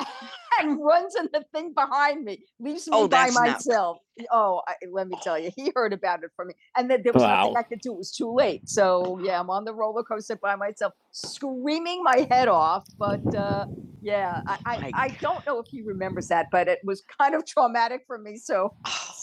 and runs in the thing behind me, leaves me Oh, by that's not- Oh, I, let me tell you, he heard about it from me, and then there was wow. nothing Wow. I could do. It was too late. So yeah, I'm on the roller coaster by myself, screaming my head off. But uh, yeah, I, I, I don't know if he remembers that, but it was kind of traumatic for me. So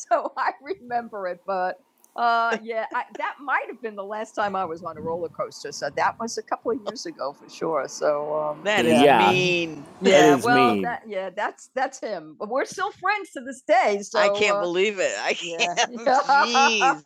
so I remember it, but uh, yeah, I, that might have been the last time I was on a roller coaster. So that was a couple of years ago for sure. So um, That is Yeah. mean. yeah, that is well, mean. that, yeah, that's that's him. But we're still friends to this day. So I can't uh, believe it. I can't. yeah. Jeez.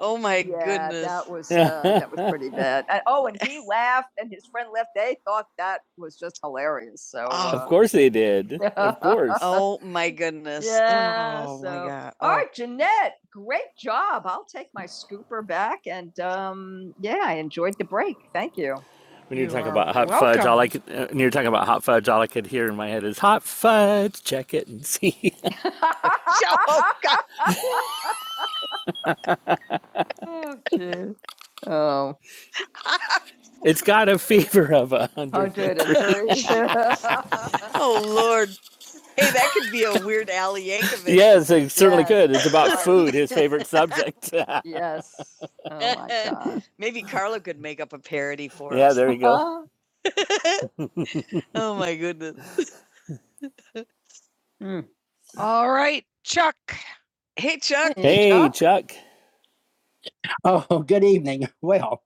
Oh my Yeah, goodness. that was uh, that was pretty bad. And, oh, and he laughed, and his friend left. They thought that was just hilarious. So, Oh, uh, Of course they did. Of course. oh my goodness. Yeah, oh so. my so- god. all Oh. All right, Jeanette, great job. I'll take my scooper back, and um, yeah, I enjoyed the break. Thank you. When you're You talking about hot welcome. fudge, all I could, uh, when you're talking about hot fudge, all I could hear in my head is hot fudge. Check it and see. Oh, God. oh, Oh, It's got a fever of a hundred. oh Lord. Hey, that could be a weird Al Yankovic. Yes, it certainly Yes. could. It's about Right. food, his favorite subject. Yes. Oh my God. Maybe Carla could make up a parody for yeah, us. Yeah, there you go. Oh my goodness. Mm. All right, Chuck. Hey Chuck. Hey, Chuck. Chuck. Oh, good evening. Well,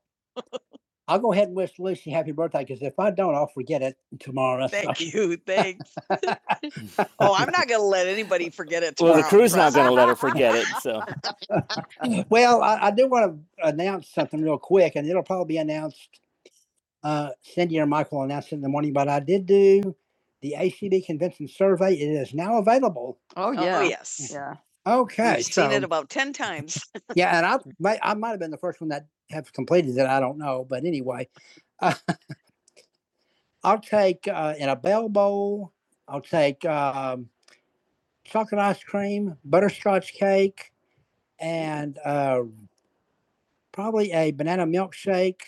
I'll go ahead and wish Lucy happy birthday because if I don't, I'll forget it tomorrow. Thank you. Thanks. Oh, I'm not going to let anybody forget it. tomorrow. Well, the crew's not going to let her forget it. So Well, I, I do want to announce something real quick, and it'll probably be announced. Uh, Cindy or Michael announced it is now available. Oh, yeah. Oh, yes. Yeah. Okay, We've so, seen so it about 10 times. yeah, and I might, I might have been the first one that have completed it. I don't know, but anyway, I'll take uh, in a bell bowl. I'll take um, chocolate ice cream, butterscotch cake, and uh, probably a banana milkshake.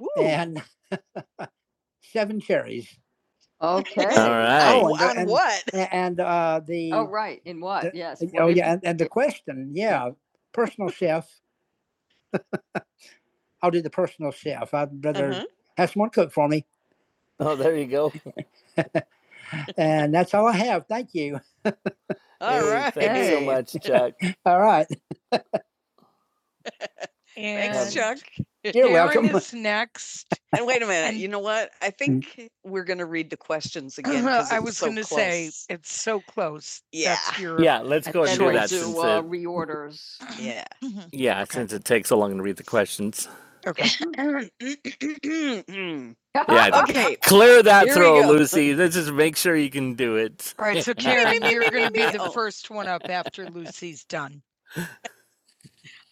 Woo. and seven cherries. Okay. All right. Oh, Oh, on and- what? A- And uh, the Oh, right. In what? The- Yes. oh what did yeah, and, and the question, yeah, personal chef. I'll do the personal chef. I'd rather Uh-huh. have someone cook for me, Oh, there you go. and that's all I have. Thank you. All Hey, right. Thanks so much, Chuck. All right. And Thanks, Chuck. You're Darren welcome. Darren is next. And wait a minute, And- you know what? I think we're gonna read the questions again. 'cause I it's was so gonna say, it's so close. Yeah. That's your. Yeah, let's go ahead and do we'll Sure. that since do since uh, it, reorders. Yeah. yeah, okay. since it takes so long to read the questions. Okay. Yeah, Okay, Clear that Here throw, Lucy. Let's just make sure you can do it. All right. So Karen, you're going to be the Oh. first one up after Lucy's done.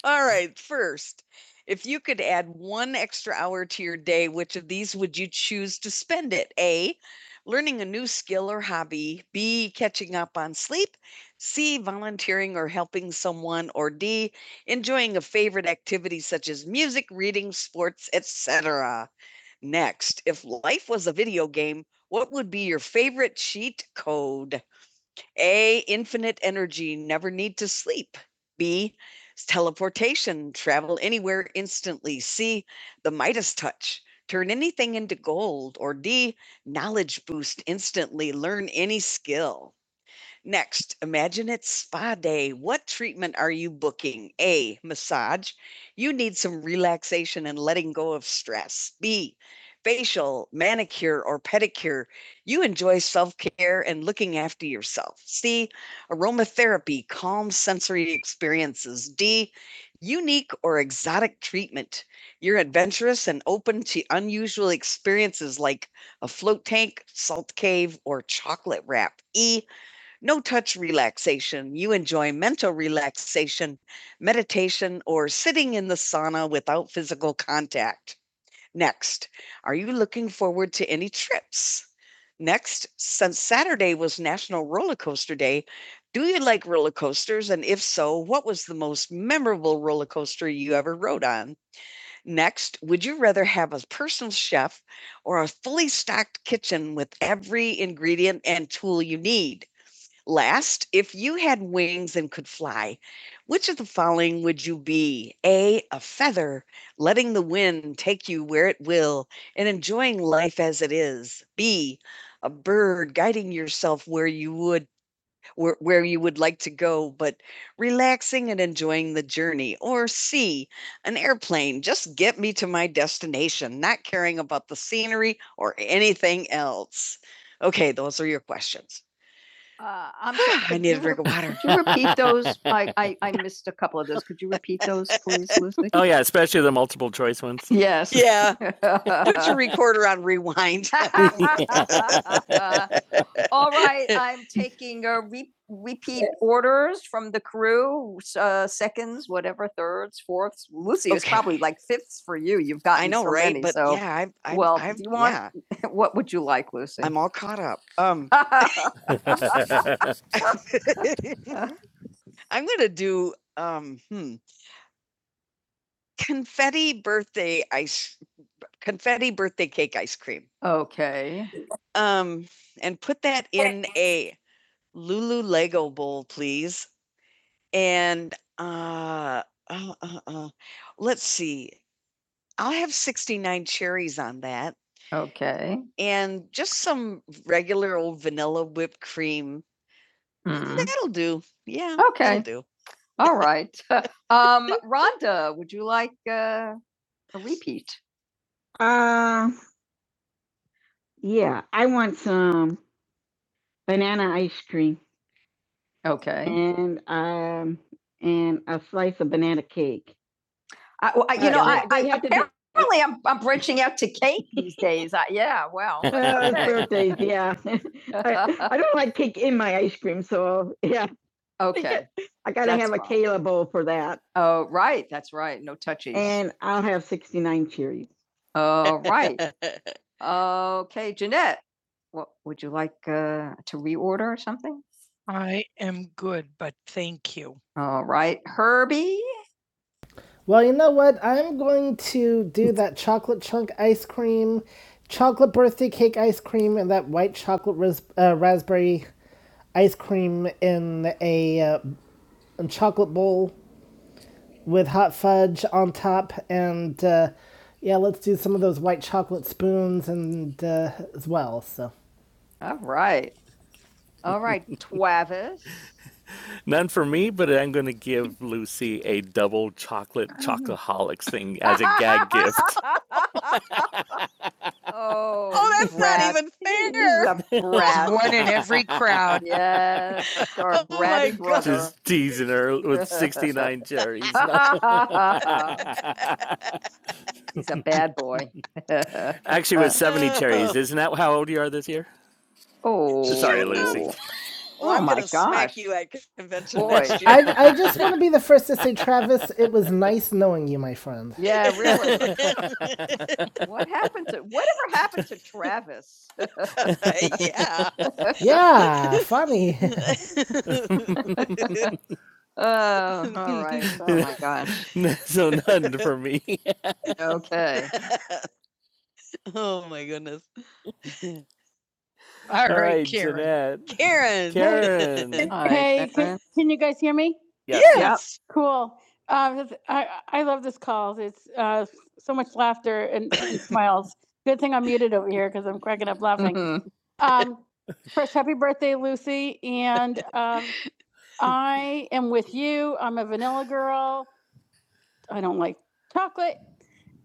All right, first, if you could add one extra hour to your day, which of these would you choose to spend it? A, learning a new skill or hobby, B, catching up on sleep, C, volunteering or helping someone, or D, enjoying a favorite activity such as music, reading, sports, etc. Next, if life was a video game, what would be your favorite cheat code? A, infinite energy, never need to sleep. B, teleportation, travel anywhere instantly. C, the Midas touch, turn anything into gold. Or D, knowledge boost instantly, learn any skill. Next, imagine it's spa day. What treatment are you booking? A, massage. You need some relaxation and letting go of stress. B, facial, manicure, or pedicure. You enjoy self care and looking after yourself. C, aromatherapy, calm sensory experiences. D, unique or exotic treatment. You're adventurous and open to unusual experiences like a float tank, salt cave, or chocolate wrap. E, no touch relaxation. You enjoy mental relaxation, meditation, or sitting in the sauna without physical contact. Next, are you looking forward to any trips? Next, since Saturday was National Roller Coaster Day, do you like roller coasters? And if so, what was the most memorable roller coaster you ever rode on? Next, would you rather have a personal chef or a fully stocked kitchen with every ingredient and tool you need? Last, if you had wings and could fly, which of the following would you be? A, a feather, letting the wind take you where it will and enjoying life as it is. B, a bird guiding yourself where you would where, where you would like to go, but relaxing and enjoying the journey. Or C, an airplane, just get me to my destination, not caring about the scenery or anything else. Okay, those are your questions. Uh, I'm sorry, I need a drink of water. Could you repeat those? I, I, I missed a couple of those. Could you repeat those, please, Lucy? Oh yeah, especially the multiple choice ones. Yes. Yeah. Put your recorder on rewind. Uh, all right, I'm taking a re- repeat orders from the crew, uh, seconds, whatever, thirds, fourths. Lucy is Okay. It's probably like fifths for you. You've gotten I know, so right? many, but so yeah, I'm, I'm, well, I'm, do you want- yeah, what would you like, Lucy? I'm all caught up. Um, I'm gonna do um, hmm, confetti birthday ice, confetti birthday cake ice cream. okay. Um, and put that in a Lulu Lego Bowl, please. And, uh, uh, uh, uh, let's see. I'll have 69 cherries on that Okay. and just some regular old vanilla whipped cream. Mm. That'll do. Yeah, that'll Okay. do. All right. um, Rhonda, would you like uh, a repeat? Uh, yeah, I want some banana ice cream Okay. and um and a slice of banana cake. I, well, I- you Uh, know, I, I they be- apparently I'm, I'm branching out to cake these days. I, yeah, well, Well, birthdays, yeah. I, I don't like cake in my ice cream, so yeah, okay. I gotta That's have a fine. a Kayla bowl for that, Oh, right, that's right. No touchy. and I'll have sixty-nine cherries. Oh, right. Okay, Jeanette, what would you like uh, to reorder or something? I am good, but thank you. All right, Herbie. Well, you know what? I'm going to do that chocolate chunk ice cream, chocolate birthday cake ice cream, and that white chocolate ras- uh, raspberry ice cream in a uh, chocolate bowl with hot fudge on top. And uh, yeah, let's do some of those white chocolate spoons and uh, as well. So All right. All right, Travis. None for me, but I'm going to give Lucy a double chocolate chocoholics thing as a gag gift. Oh, Oh, that's not even fair. Brat. One in every crowd. Yes, Oh my God. Just teasing her with 69 cherries. He's a bad boy. Actually, with 70 cherries. Isn't that how old you are this year? oh, Sorry, Lucy. Well, Oh I'm my God! smack you at convention Boy. next year. I, I just want to be the first to say, Travis, it was nice knowing you, my friend. Yeah, really. What happened to whatever happened to Travis? yeah. Yeah, funny. Oh, all right. Oh my gosh. so none for me. Okay. oh my goodness. All all right, right, Karen. Jeanette. Karen. Karen. Karen. All right, Hey, can, can you guys hear? Yes. Yes. Yep. Cool. Um, I, I love this call. It's uh, so much laughter and smiles. Good thing I'm muted over here because I'm cracking up laughing. Mhm. Um, Trish, happy birthday, Lucy. And um, I am with you. I'm a vanilla girl. I don't like chocolate.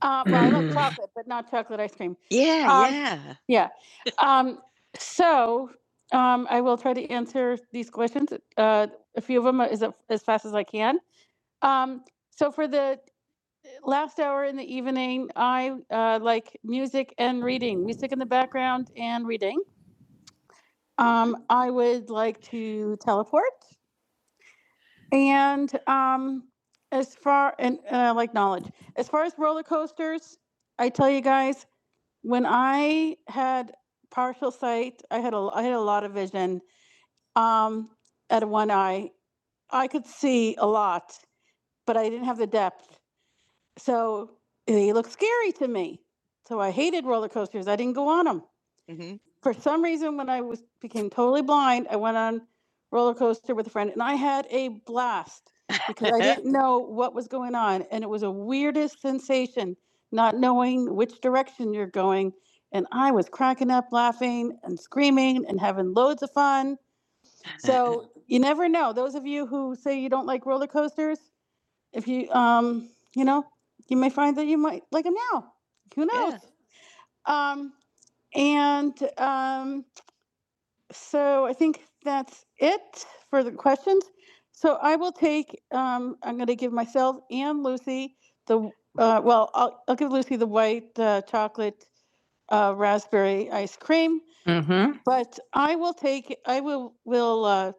Uh, well, I love chocolate, but not chocolate ice cream. Yeah, Um, yeah. Yeah. Um, so um, I will try to answer these questions, uh, a few of them as, as fast as I can. Um, so for the last hour in the evening, I uh, like music and reading, music in the background and reading. Um, I would like to teleport. And um, as far and, and I like knowledge, as far as roller coasters, I tell you guys, when I had partial sight, I had a I had a lot of vision um, at one eye. I could see a lot, but I didn't have the depth. So they looked scary to me. So I hated roller coasters. I didn't go on them. Mhm. For some reason, when I was became totally blind, I went on roller coaster with a friend, and I had a blast because I didn't know what was going on, and it was a weirdest sensation not knowing which direction you're going. And I was cracking up, laughing and screaming and having loads of fun. So you never know. Those of you who say you don't like roller coasters, if you um you know you may find that you might like him now who Yeah. knows Yeah. um and um so i think that's it for the questions so i will take um i'm going to give myself and lucy the uh well i'll, I'll give lucy the white uh, chocolate uh, raspberry ice cream but I will take, I will, will, uh,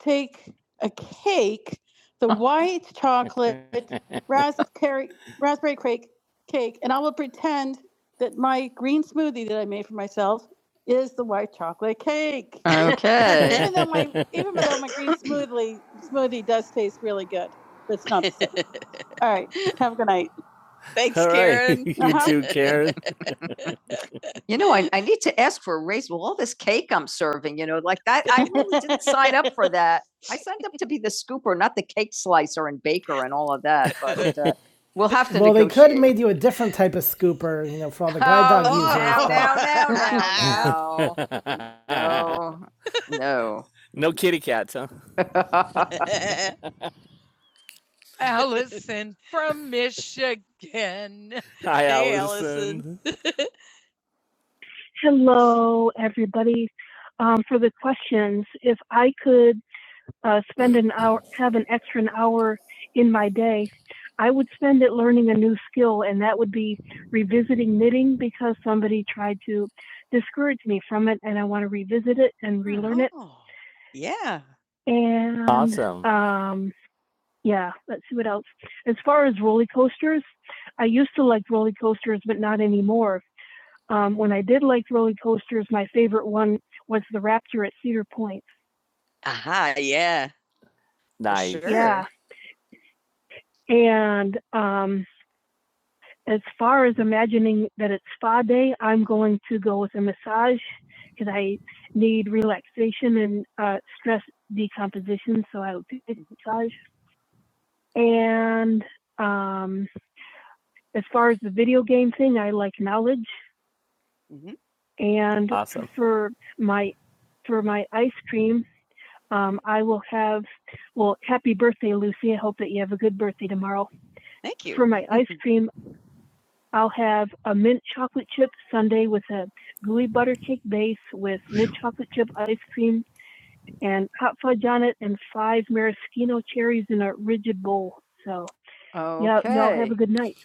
take a cake, the white chocolate raspberry, raspberry cake, cake, and I will pretend that my green smoothie that I made for myself is the white chocolate cake. Okay. Even though my, even though my green smoothie, smoothie does taste really good, it's not, the same. all right, have a good night. Thanks, All right. Karen. you uh-huh. too, Karen. You know, I, I need to ask for a raise. Well, all this cake I'm serving, you know, like that, I really didn't sign up for that. I signed up to be the scooper, not the cake slicer and baker and all of that. But uh, we'll have to. Well, negotiate. they could have made you a different type of scooper, you know, for all the guide Oh, dog no, users. no, no, no, no, no, no no kitty cats, huh? Allison from Michigan. Hi, Hey, Allison. Allison. Hello, everybody. Um, for the questions, if I could uh, spend an hour, have an extra an hour in my day, I would spend it learning a new skill, and that would be revisiting knitting because somebody tried to discourage me from it, and I want to revisit it and relearn it. Oh, yeah. And Awesome. um, yeah, let's see what else. As far as roller coasters, I used to like roller coasters, but not anymore. Um, when I did like roller coasters, my favorite one was the Raptor at Cedar Point. Aha, yeah. Nice. Sure. Yeah. And um, as far as imagining that it's spa day, I'm going to go with a massage because I need relaxation and uh, stress decomposition. So I would pick a massage. And um, as far as the video game thing, I like knowledge. Mhm. And Awesome. for my for my ice cream, Um, I will have, well, happy birthday, Lucy. I hope that you have a good birthday tomorrow. Thank you. For my ice cream, I'll have a mint chocolate chip sundae with a gooey butter cake base with mint chocolate chip ice cream and hot fudge on it and five maraschino cherries in a rigid bowl. So, okay. yeah, y'all have Okay. a good night.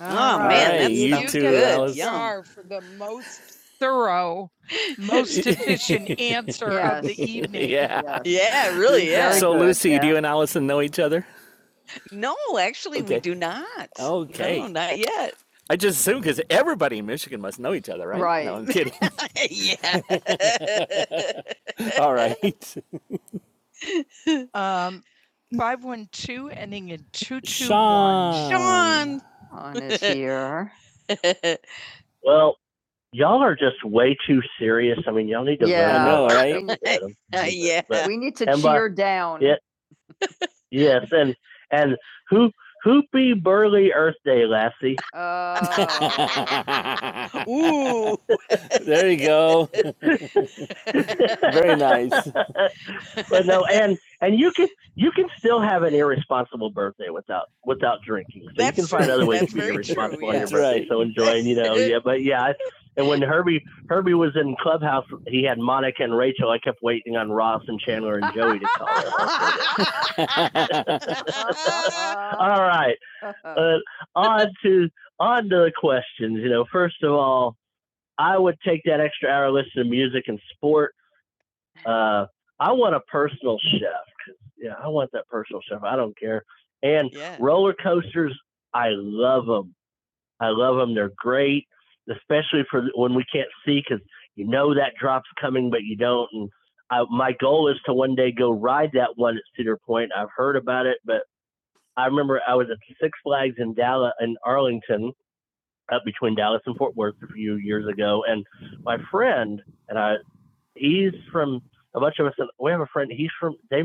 Oh All man, right, that's you sounds too, good. Alice. are for the most thorough, most efficient answer yes. of Yes. the evening. yeah. yes. Yeah, really. Yeah. So, good, Lucy, yeah. do yeah. you and Allison know each other? no, actually, Okay. we do not. Okay. No, not yet. I just assume because everybody in Michigan must know each other, right? Right. No, I'm kidding. yeah. All right. Um, five one two ending in two two one. Sean. Sean. is here. Well, y'all are just way too serious. I mean, y'all need to. Yeah. know, right? Uh, yeah. But- We need to And by- cheer down. Yeah. yes, and and who hoopy burly Earth Day lassie. Oh. Ooh. There you go. Very nice. but no, and and you can you can still have an irresponsible birthday without without drinking. So That's you can find true. other ways That's to be very irresponsible true, yeah. on yeah. your birthday. right. So enjoying, you know, yeah. But yeah, and when Herbie Herbie was in Clubhouse, he had Monica and Rachel. I kept waiting on Ross and Chandler and Joey to call. Her. All right, uh, on to on to the questions. You know, first of all, I would take that extra hour listening to music and sports uh, I want a personal chef. Yeah, I want that personal chef. I don't care. And Yeah. roller coasters, I love them. I love them. They're great, especially for when we can't see because you know that drop's coming, but you don't. And I, my goal is to one day go ride that one at Cedar Point. I've heard about it, but I remember I was at Six Flags in Dallas in Arlington, up between Dallas and Fort Worth a few years ago, and my friend and I he's from a bunch of us. We have a friend. He's from they.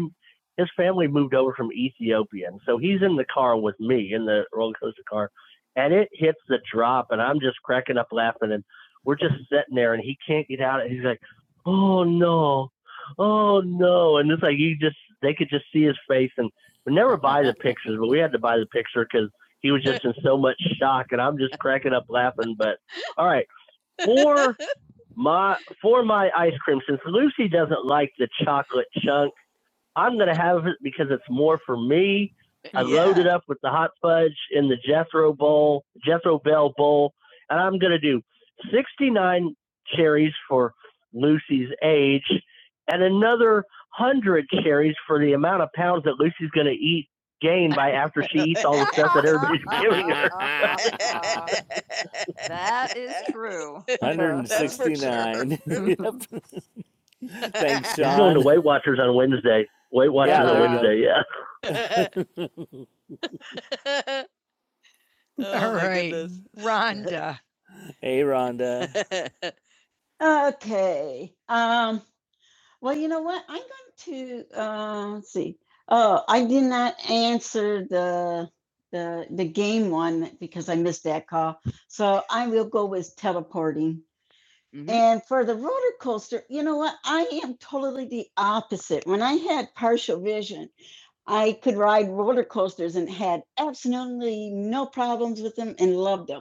His family moved over from Ethiopia, and so he's in the car with me in the roller coaster car, and it hits the drop, and I'm just cracking up laughing, and we're just sitting there, and he can't get out. And he's like, "Oh no, oh no," and it's like you just they could just see his face, and we never buy the pictures, but we had to buy the picture because he was just in so much shock, and I'm just cracking up laughing. But all right, four my for my ice cream, since Lucy doesn't like the chocolate chunk, I'm gonna have it. It's more for me. I Yeah. loaded up with the hot fudge in the Jethro bowl, Jethro Bell bowl, and I'm gonna do 69 cherries for Lucy's age, and another one hundred cherries for the amount of pounds that Lucy's gonna eat gain by after she eats all the stuff that everybody's giving her. That is true. sure. 169. Yep. Thanks, John. He's going to Weight Watchers on Wednesday. Weight Watchers Yeah. on Wednesday, yeah. Oh, All right, goodness. Rhonda. hey, Rhonda. Okay. Um, well, you know what? I'm going to uh, let's see. Oh, I did not answer the the the game one because I missed that call. So I will go with teleporting. hmm And for the roller coaster, you know what? I am totally the opposite. When I had partial vision, I could ride roller coasters and had absolutely no problems with them and loved them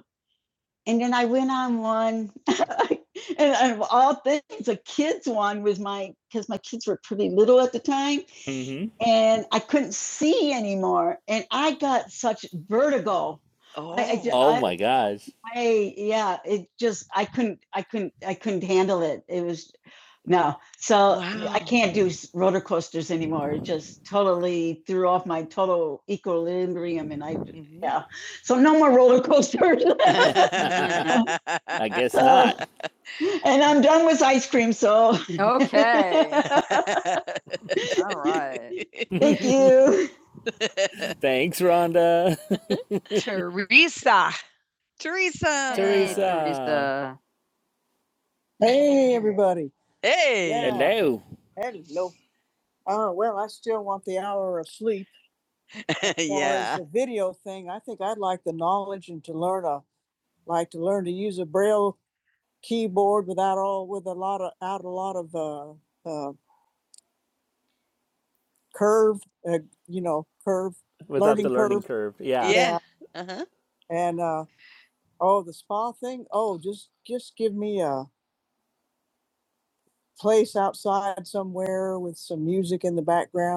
and then I went on one, and of all things, a kids one was my because my kids were pretty little at the time, hmm and I couldn't see anymore, and I got such vertigo. Oh, I, I, ju- Oh I, my gosh. I- yeah, it just I couldn't, I couldn't, I couldn't handle it. It was no, so wow. I Wow. can't do roller coasters anymore. It just totally threw off my total equilibrium, and I hmm yeah. So no more roller coasters. I guess not. Uh, And I'm done with ice cream, so Okay. All right. thank you. Thanks, Rhonda. Teresa. Teresa. Teresa. Teresa. Hey, Everybody. Hey. Yeah. Hello. Hello. Oh, we're asleep. Yeah. The video thing, I think I'd like the knowledge and to learn a, like to learn to use a braille keyboard without all with a lot of out a lot of uh, uh, curve, uh, you know, without learning the learning curve. curve. Yeah. Yeah, Yeah. Uh-huh. place outside somewhere with some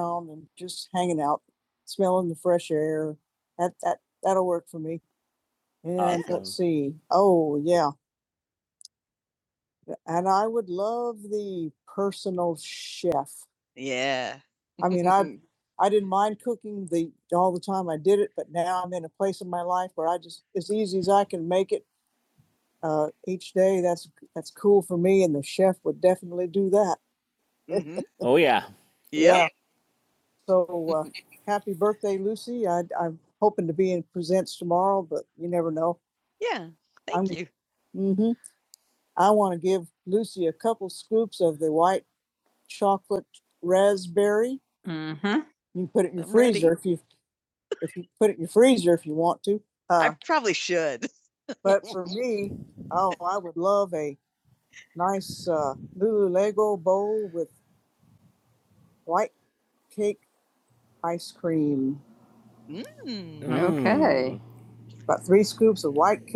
on and just hang a chair. That work for me. And let's Awesome. see. Oh yeah, love the personal chef. Yeah. I mean, I I didn't mind cooking the all the time I did it, but now I'm in a place in my life where I just as easy as I can make it uh, each day. That's that's cool for me, and the chef would definitely do that. Mm-hmm. Oh yeah. Yep. Yeah. So uh, happy birthday, Lucy. I, I'm hoping to be in presents tomorrow, but you never know. Yeah. I'm- Thank I'm, you. hmm I want to give Lucy a couple scoops of the white chocolate curry. You can put it in your I'm freezer if you, if you put it to. Uh, I Uh, probably should. but for me, oh, I would love a nice uh, Lululego bowl with white cake ice cream. Mm. Okay. About three scoops of white cake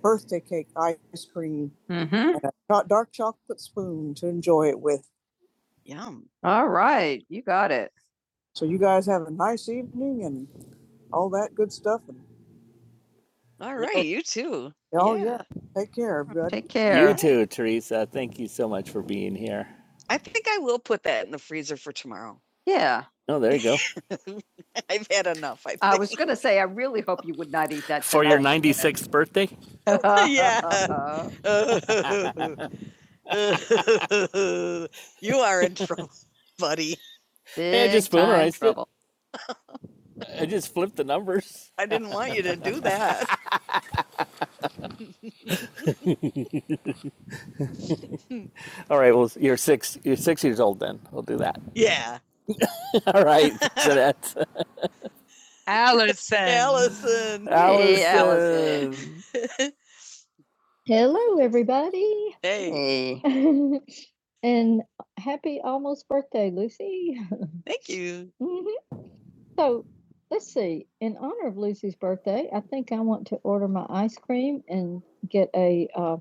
birthday cake ice cream Mm-hmm. and a dark chocolate spoon to enjoy it with. Yum. All right. You got it. So you guys have a nice evening and all that good stuff. And All right, you too. oh Yeah. yeah, take care, everybody. Take care. You too, Teresa. Thank you so much for being here. I think I will put that in the freezer for tomorrow. Yeah. Oh, there you go. I've had enough, I think. I was going to say, I really hope you would not eat that for tonight. your 96th birthday. Yeah. You are in trouble, buddy. Hey, I just memorized it. I just flipped the numbers. I didn't want you to do that. All right, well, you're six. You're six years old then. We'll do that. Yeah. All right, Jeanette. Allison. Allison. Hey, Allison. Hey, Allison. Hello, everybody. Hey. Hey. And happy almost birthday, Lucy. Thank you. Mhm. So let's see. In honor of Lucy's birthday, I think I want to order my ice cream and get a. Uh,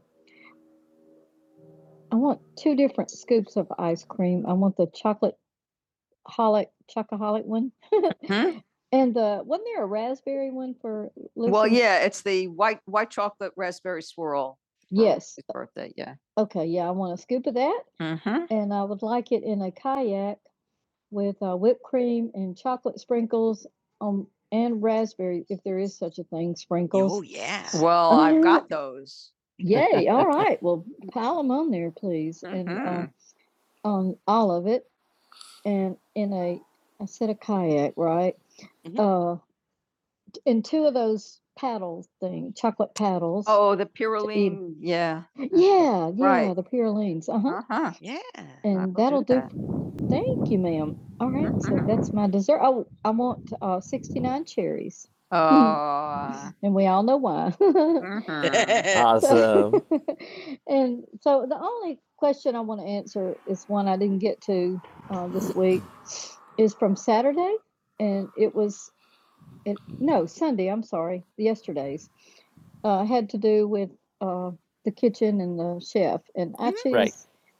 I want two different scoops of ice cream. I want the chocolate holic chocoholic one, Mhm. and uh, wasn't there a raspberry one for Lucy? Well, yeah, it's the white white chocolate raspberry swirl. for Yes. his Birthday, yeah. Okay. Yeah, I want a scoop of that, Mm-hmm. and I would like it in a kayak with uh, whipped cream and chocolate sprinkles um, and raspberry, if there is such a thing, sprinkles. Oh, yeah. Well, I've Uh, got those. Yay! All right. Well, pile them on there, please, and uh, Mhm. uh, on all of it, and in a I said a kayak, right? Mhm. Uh, in two of those paddle thing, chocolate paddles. Oh, the to eat. pyrrolene. Yeah. yeah, yeah, right. the pyrolines. Uh huh. Uh huh. Yeah. I And will do that'll do, Thank you, ma'am. All right, so that's my dessert. Oh, I want uh, 69 cherries, Oh. and we all know why. mhm. Awesome. and so the only question I want to answer is one I didn't get to uh, this week is from Saturday, and it was it, no Sunday. I'm sorry, yesterday's, uh, had to do with uh, the kitchen and the chef. And I choose Right.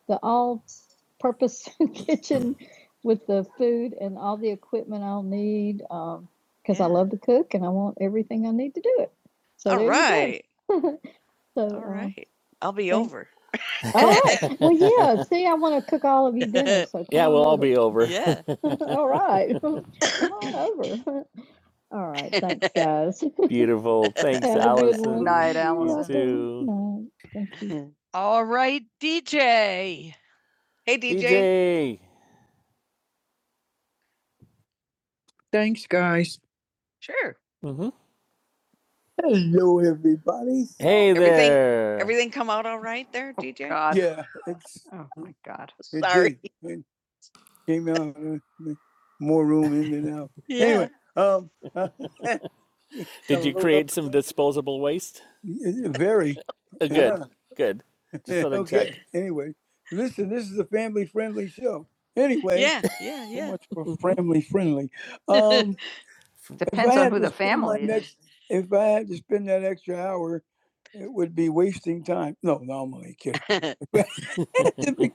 the all-purpose kitchen with the food and all the equipment I'll need because I Yeah. I love to cook and I want everything I need to do it. So all right. So, All uh, right. I'll be over. all right. well, yeah. See, I want to cook all of you dinner. So Yeah, come we'll all be over. Yeah. all right. Come on over. All right. Thanks, guys. Beautiful. Thanks, Have a good Allison. Good one. Night, Yeah, Allison. good Too. Good night. Thank you. All right, DJ. Hey, DJ. DJ. Thanks. Sure. Mhm. Hello, everybody. Hey Everything- there. Everything come out all right there, DJ? God. Yeah, it's Oh my God. it Sorry. did. It came out uh, more room in than out. Yeah. Anyway, um, Did you create some disposable waste? Very. Uh, Good, yeah. good. Just thought i Okay, Check. anyway, listen, this is a family-friendly show. Anyway. Yeah, yeah, so yeah. So much for family friendly. Um, Depends on who the family is. next- If I had to spend that extra hour, it would be same time. No, no, I'm only kidding.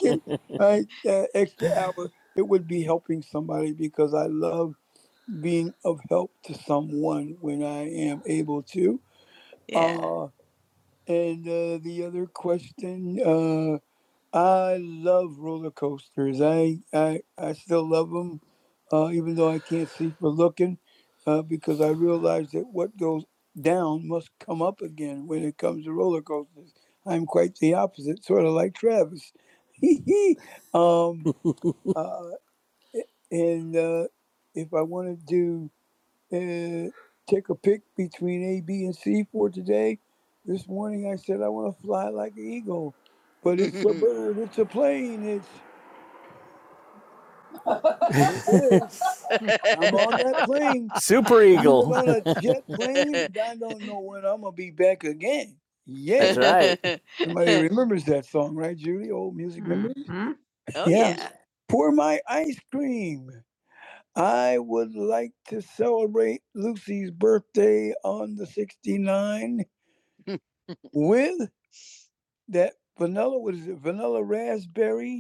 If I, that extra hour, it would be helping somebody because I love being of help to someone when I am able to. Yeah. Uh, And uh, the other question, uh, I love roller coasters. I, I, I still love them, uh, even though I can't see for looking, uh, because I realize that what goes down must come up again when it comes to roller coasters. I'm quite the opposite, sort of like Travis. um, and uh, if I wanted to do, uh, take a pick between A, B, and C for today, this morning I said I want to fly like an eagle. But it's a bird, it's a plane, it's it is. I'm on that plane. Super I'm Eagle. I'm on a jet plane and I don't know when I'm gonna be back again. Yeah. That's right. Somebody remembers that song, right, Judy? Old music. Oh, Yeah. yeah. Pour my ice. I would like to celebrate Lucy's birthday on the 69 with that vanilla, what is it? Vanilla raspberry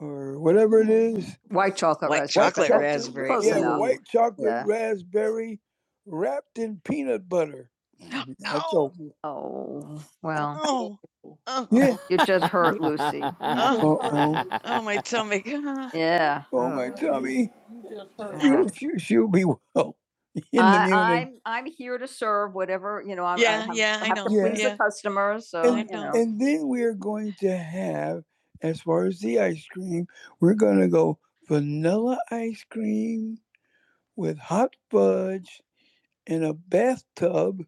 or whatever it is. White chocolate White raspberry. chocolate That's raspberry, close yeah. Yeah, white chocolate Yeah. raspberry wrapped in peanut butter. No. Oh, well, Oh, oh, you just hurt Lucy. Oh. oh, my tummy. Yeah. Oh my tummy! She'll, she- will she will be in I, the I, I'm, I'm here to serve whatever, you know, I'm. I Yeah, I have- yeah, I have I know. to please Yeah. the Yeah. customers, so, And, know. know. and then we're going to have, as far as the ice cream, we're going to go vanilla ice cream with hot fudge in a bathtub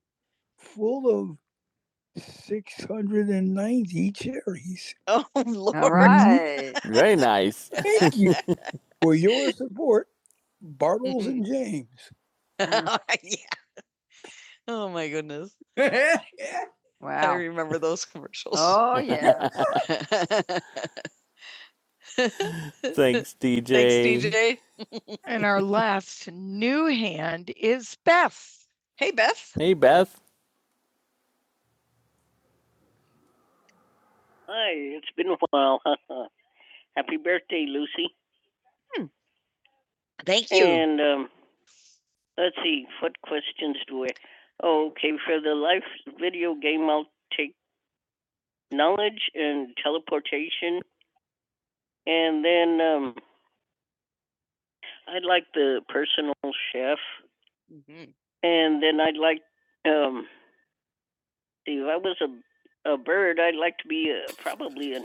full of 690 cherries. Oh, Lord. All right. Very nice. Thank you for your support, Bartles and Jim. Oh, yeah. Oh my goodness. I Wow. I remember those commercials. Oh yeah. Thanks, DJ. Thanks, DJ. And our last new hand is Beth. Hey, Beth. Hey, Beth. Thank you. And um, let's see, what questions do I? Oh, okay, for the last video about now teleportation, and then uh, like the, Mhm. and then I'd like um, see, if I was a bird, I'd like to be uh, probably a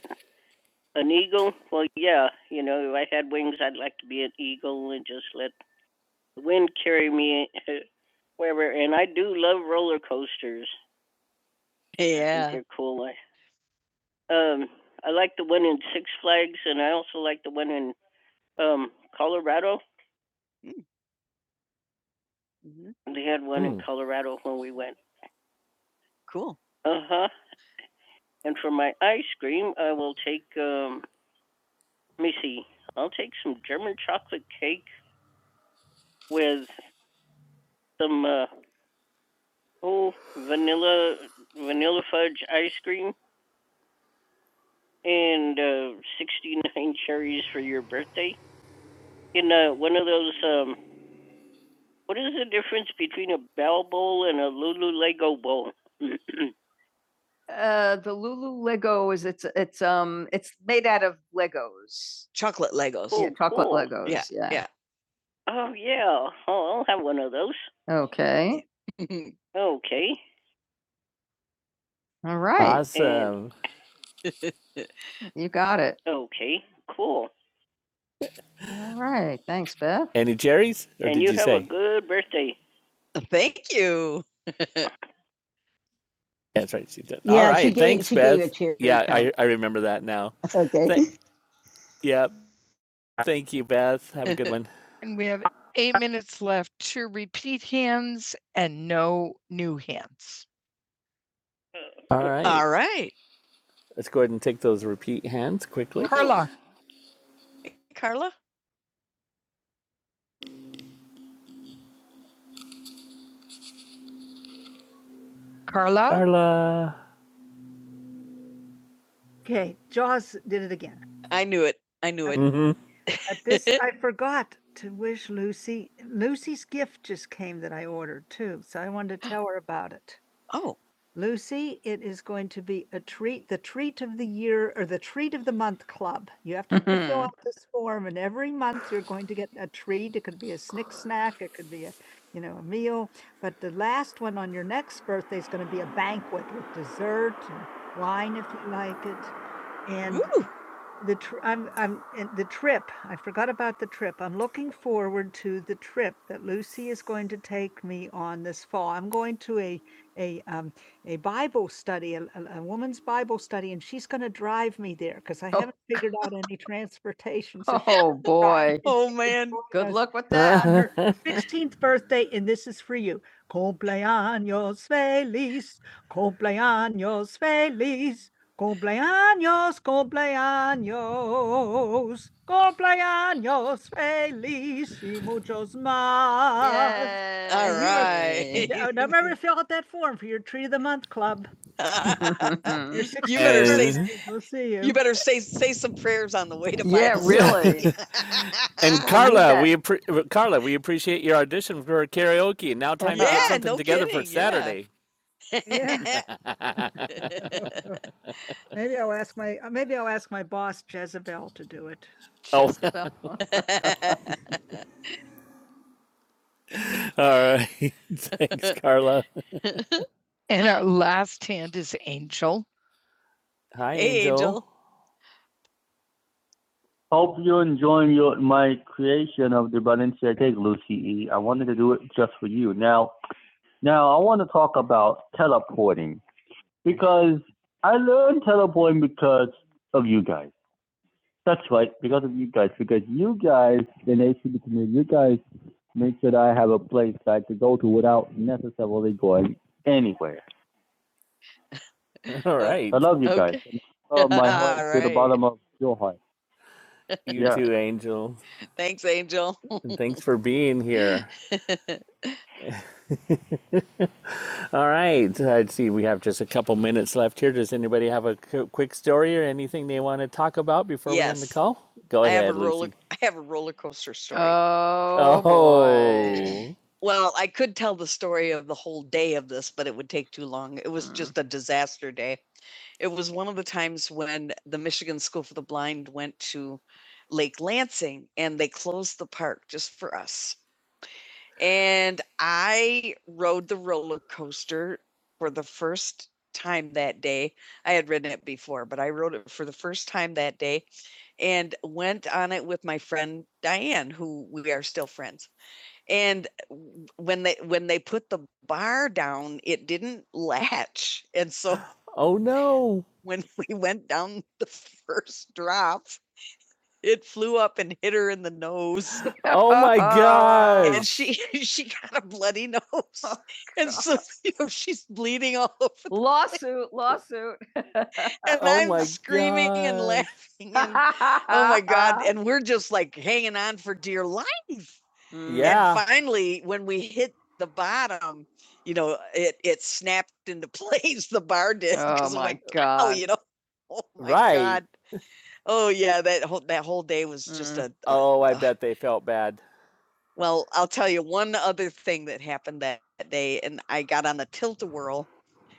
wind. Yeah. They're cool. Um, I like the one in Six Flags, and I also like the one in um, Colorado. hmm They had one mm. in Mm. Colorado when we went. Cool. Uh huh. And for my ice cream, I will take. Um, let me see. I'll take some German chocolate carries for your birthday. Oh, Uh, the Lulu Lego is it's it's um it's made out of Legos. Chocolate Legos. oh, Yeah, Oh, chocolate cool. Legos. Yeah. yeah. yeah. oh yeah, those. Okay. Okay. All right. Awesome. And You got it. All right. Thanks, Beth. Any Jerry's? Or and did you, you, have say? a good birthday. Thank you. That's right. She did. Yeah, All she right. gave, Thanks, Beth. you a cheer. yeah, I, I remember that now. That's okay. Thank- Yep. Thank you, Beth. Have a good one. And we have eight minutes left to repeat hands and no new hands. All right. All right. Let's go ahead and take those repeat hands quickly. Carla, Carla, Carla, Carla. Okay, Jaws did it again. I knew it. I knew it. Mhm. This I forgot to wish Lucy Lucy's gift just came that I ordered too, so I wanted to tell her about it. Oh. Lucy, it is going to be a treat, the treat of the year or the treat of the month club. You have to fill Mhm. out this form and every month you're going to get a treat. It could be a snick snack, it could be a, you know, a meal. But the last one on your next birthday is going to be a banquet with dessert and wine if you like it. So I Oh, boy. Oh, man. Good luck with that. Yes. 16th birthday, and this is for you. Cumpleaños feliz, cumpleaños feliz, cumpleaños, cumpleaños, cumpleaños feliz y muchos más. Yay. All right. Now remember to fill out that form for your Tree of the Month Club. you better say We'll see you. you better say say some prayers on the way to Bible. Yeah, really. And Carla, we appre- Carla, we appreciate your audition for karaoke. Now time yeah, to yeah, get something no together for kidding, yeah. Saturday. Yeah, Yeah. maybe I'll ask my uh, maybe I'll ask my boss Jezebel to do it. oh, all right. Thanks, Carla. and our last hand is Angel. Hi, Hey, Angel. Angel. Hope you're enjoying your my creation of the Balenciaga cake, Lucy E. I wanted to do it just for you. Now, now I want to talk about teleporting because I learned teleporting because of you guys. That's right, because of you guys. Because you guys, in the ACB community, you guys make sure that I have a place that I could go to without necessarily going anywhere. All right. I love you guys. Okay. guys. From my heart All right. to Alright. the bottom of your heart. You Yeah. too, Angel. Thanks, Angel. And thanks for being here. All right. I see we have just a couple minutes left here. Does anybody have a qu- quick story or anything they want to talk about before we end the Yes. call? Go I have a ahead, roller. Lucy. I have a roller coaster story. Oh, boy. Oh, well, I could tell the story of the whole day of this, but it would take too long. It was Mm. just a disaster day. It was one of the times when the Michigan School for the Blind went to Lake Lansing and they closed the park just for us. And I rode the roller coaster for the first time that day. I had ridden it before, but I rode it for the first time that day and went on it with my friend Diane, who we are still friends. And when they when they put the bar down, it didn't latch. And so Oh no. when we went down the first drop, it flew up and hit her in the nose. Oh my God! and she she got a bloody nose, oh, and so you know, she's bleeding all over. the- lawsuit, place. lawsuit. And Oh I'm screaming gosh. and laughing. and- oh my god! And we're just like hanging on for dear life. Yeah. And finally, when we hit the bottom, you know, it it snapped into place. The bar did Oh because my God! oh, you know, oh my Right. god! Oh yeah, that whole that whole day was just Mm. a, a Oh, I ugh. bet they felt bad. Well, I'll tell you one other thing that happened that day, and I got on the tilt a whirl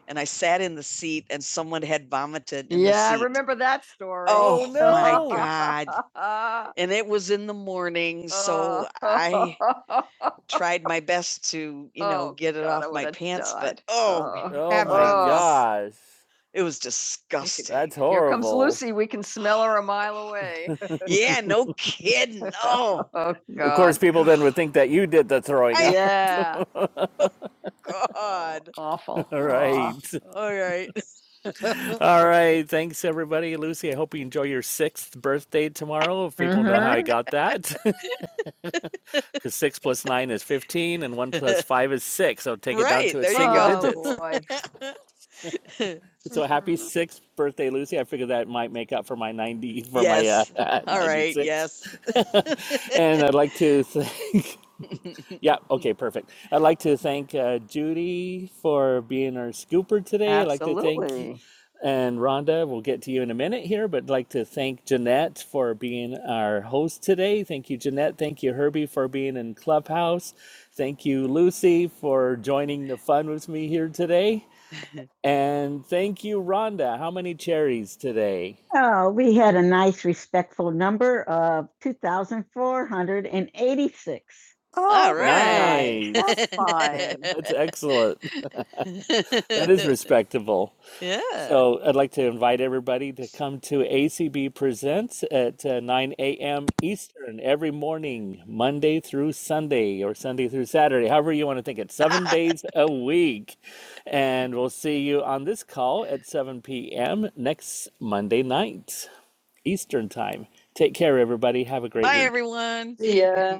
and I sat in the seat and someone had vomited in yeah, the seat. Yeah, I remember that story. Oh, my no. My God. And it was in the morning, so I tried my best to, you know, Oh, get it God, off my pants, but died. oh, Oh. Oh my Heavens. gosh. it was disgusting. That's horrible. Here comes Lucy. We can smell her a mile away. yeah, no kidding. Oh, Oh, God. Of course, people then would think that you did the throwing. I- Yeah. God. Awful. All right. All right. All right. Thanks, everybody. Lucy, I hope you enjoy your sixth birthday tomorrow. If people mm-hmm. know how I Mhm. got that, because six plus nine is 15 and one plus five is six. So take Right, it down to a there you single go. digit. So happy sixth birthday, Lucy. I figured that might make up for my 90, for Yes. my uh, All right. 96. Right. Yes. and I'd like to thank Yeah, okay, perfect. I'd like to thank uh, Judy for being our scooper today. I'd like to thank Absolutely. And Rhonda, we'll get to you in a minute here, but I'd like to thank Jeanette for being our host today. Thank you, Jeanette. Thank you, Herbie, for being in Clubhouse. Thank you, Lucy, for joining the fun with me here today. And thank you, Rhonda. How many cherries today? Oh, we had a nice respectful number of 2,486. All right. right. That's fine. That's excellent that is respectable. Yeah. So I'd like to invite everybody to come to ACB Presents at uh, 9 a.m. Eastern every morning, Monday through Sunday or Sunday through Saturday, however you want to think it, seven days a week. And we'll see you on this call at 7 p.m. next Monday night, Eastern time. Take care, everybody. Have a great Bye, week. Bye, everyone. Yeah.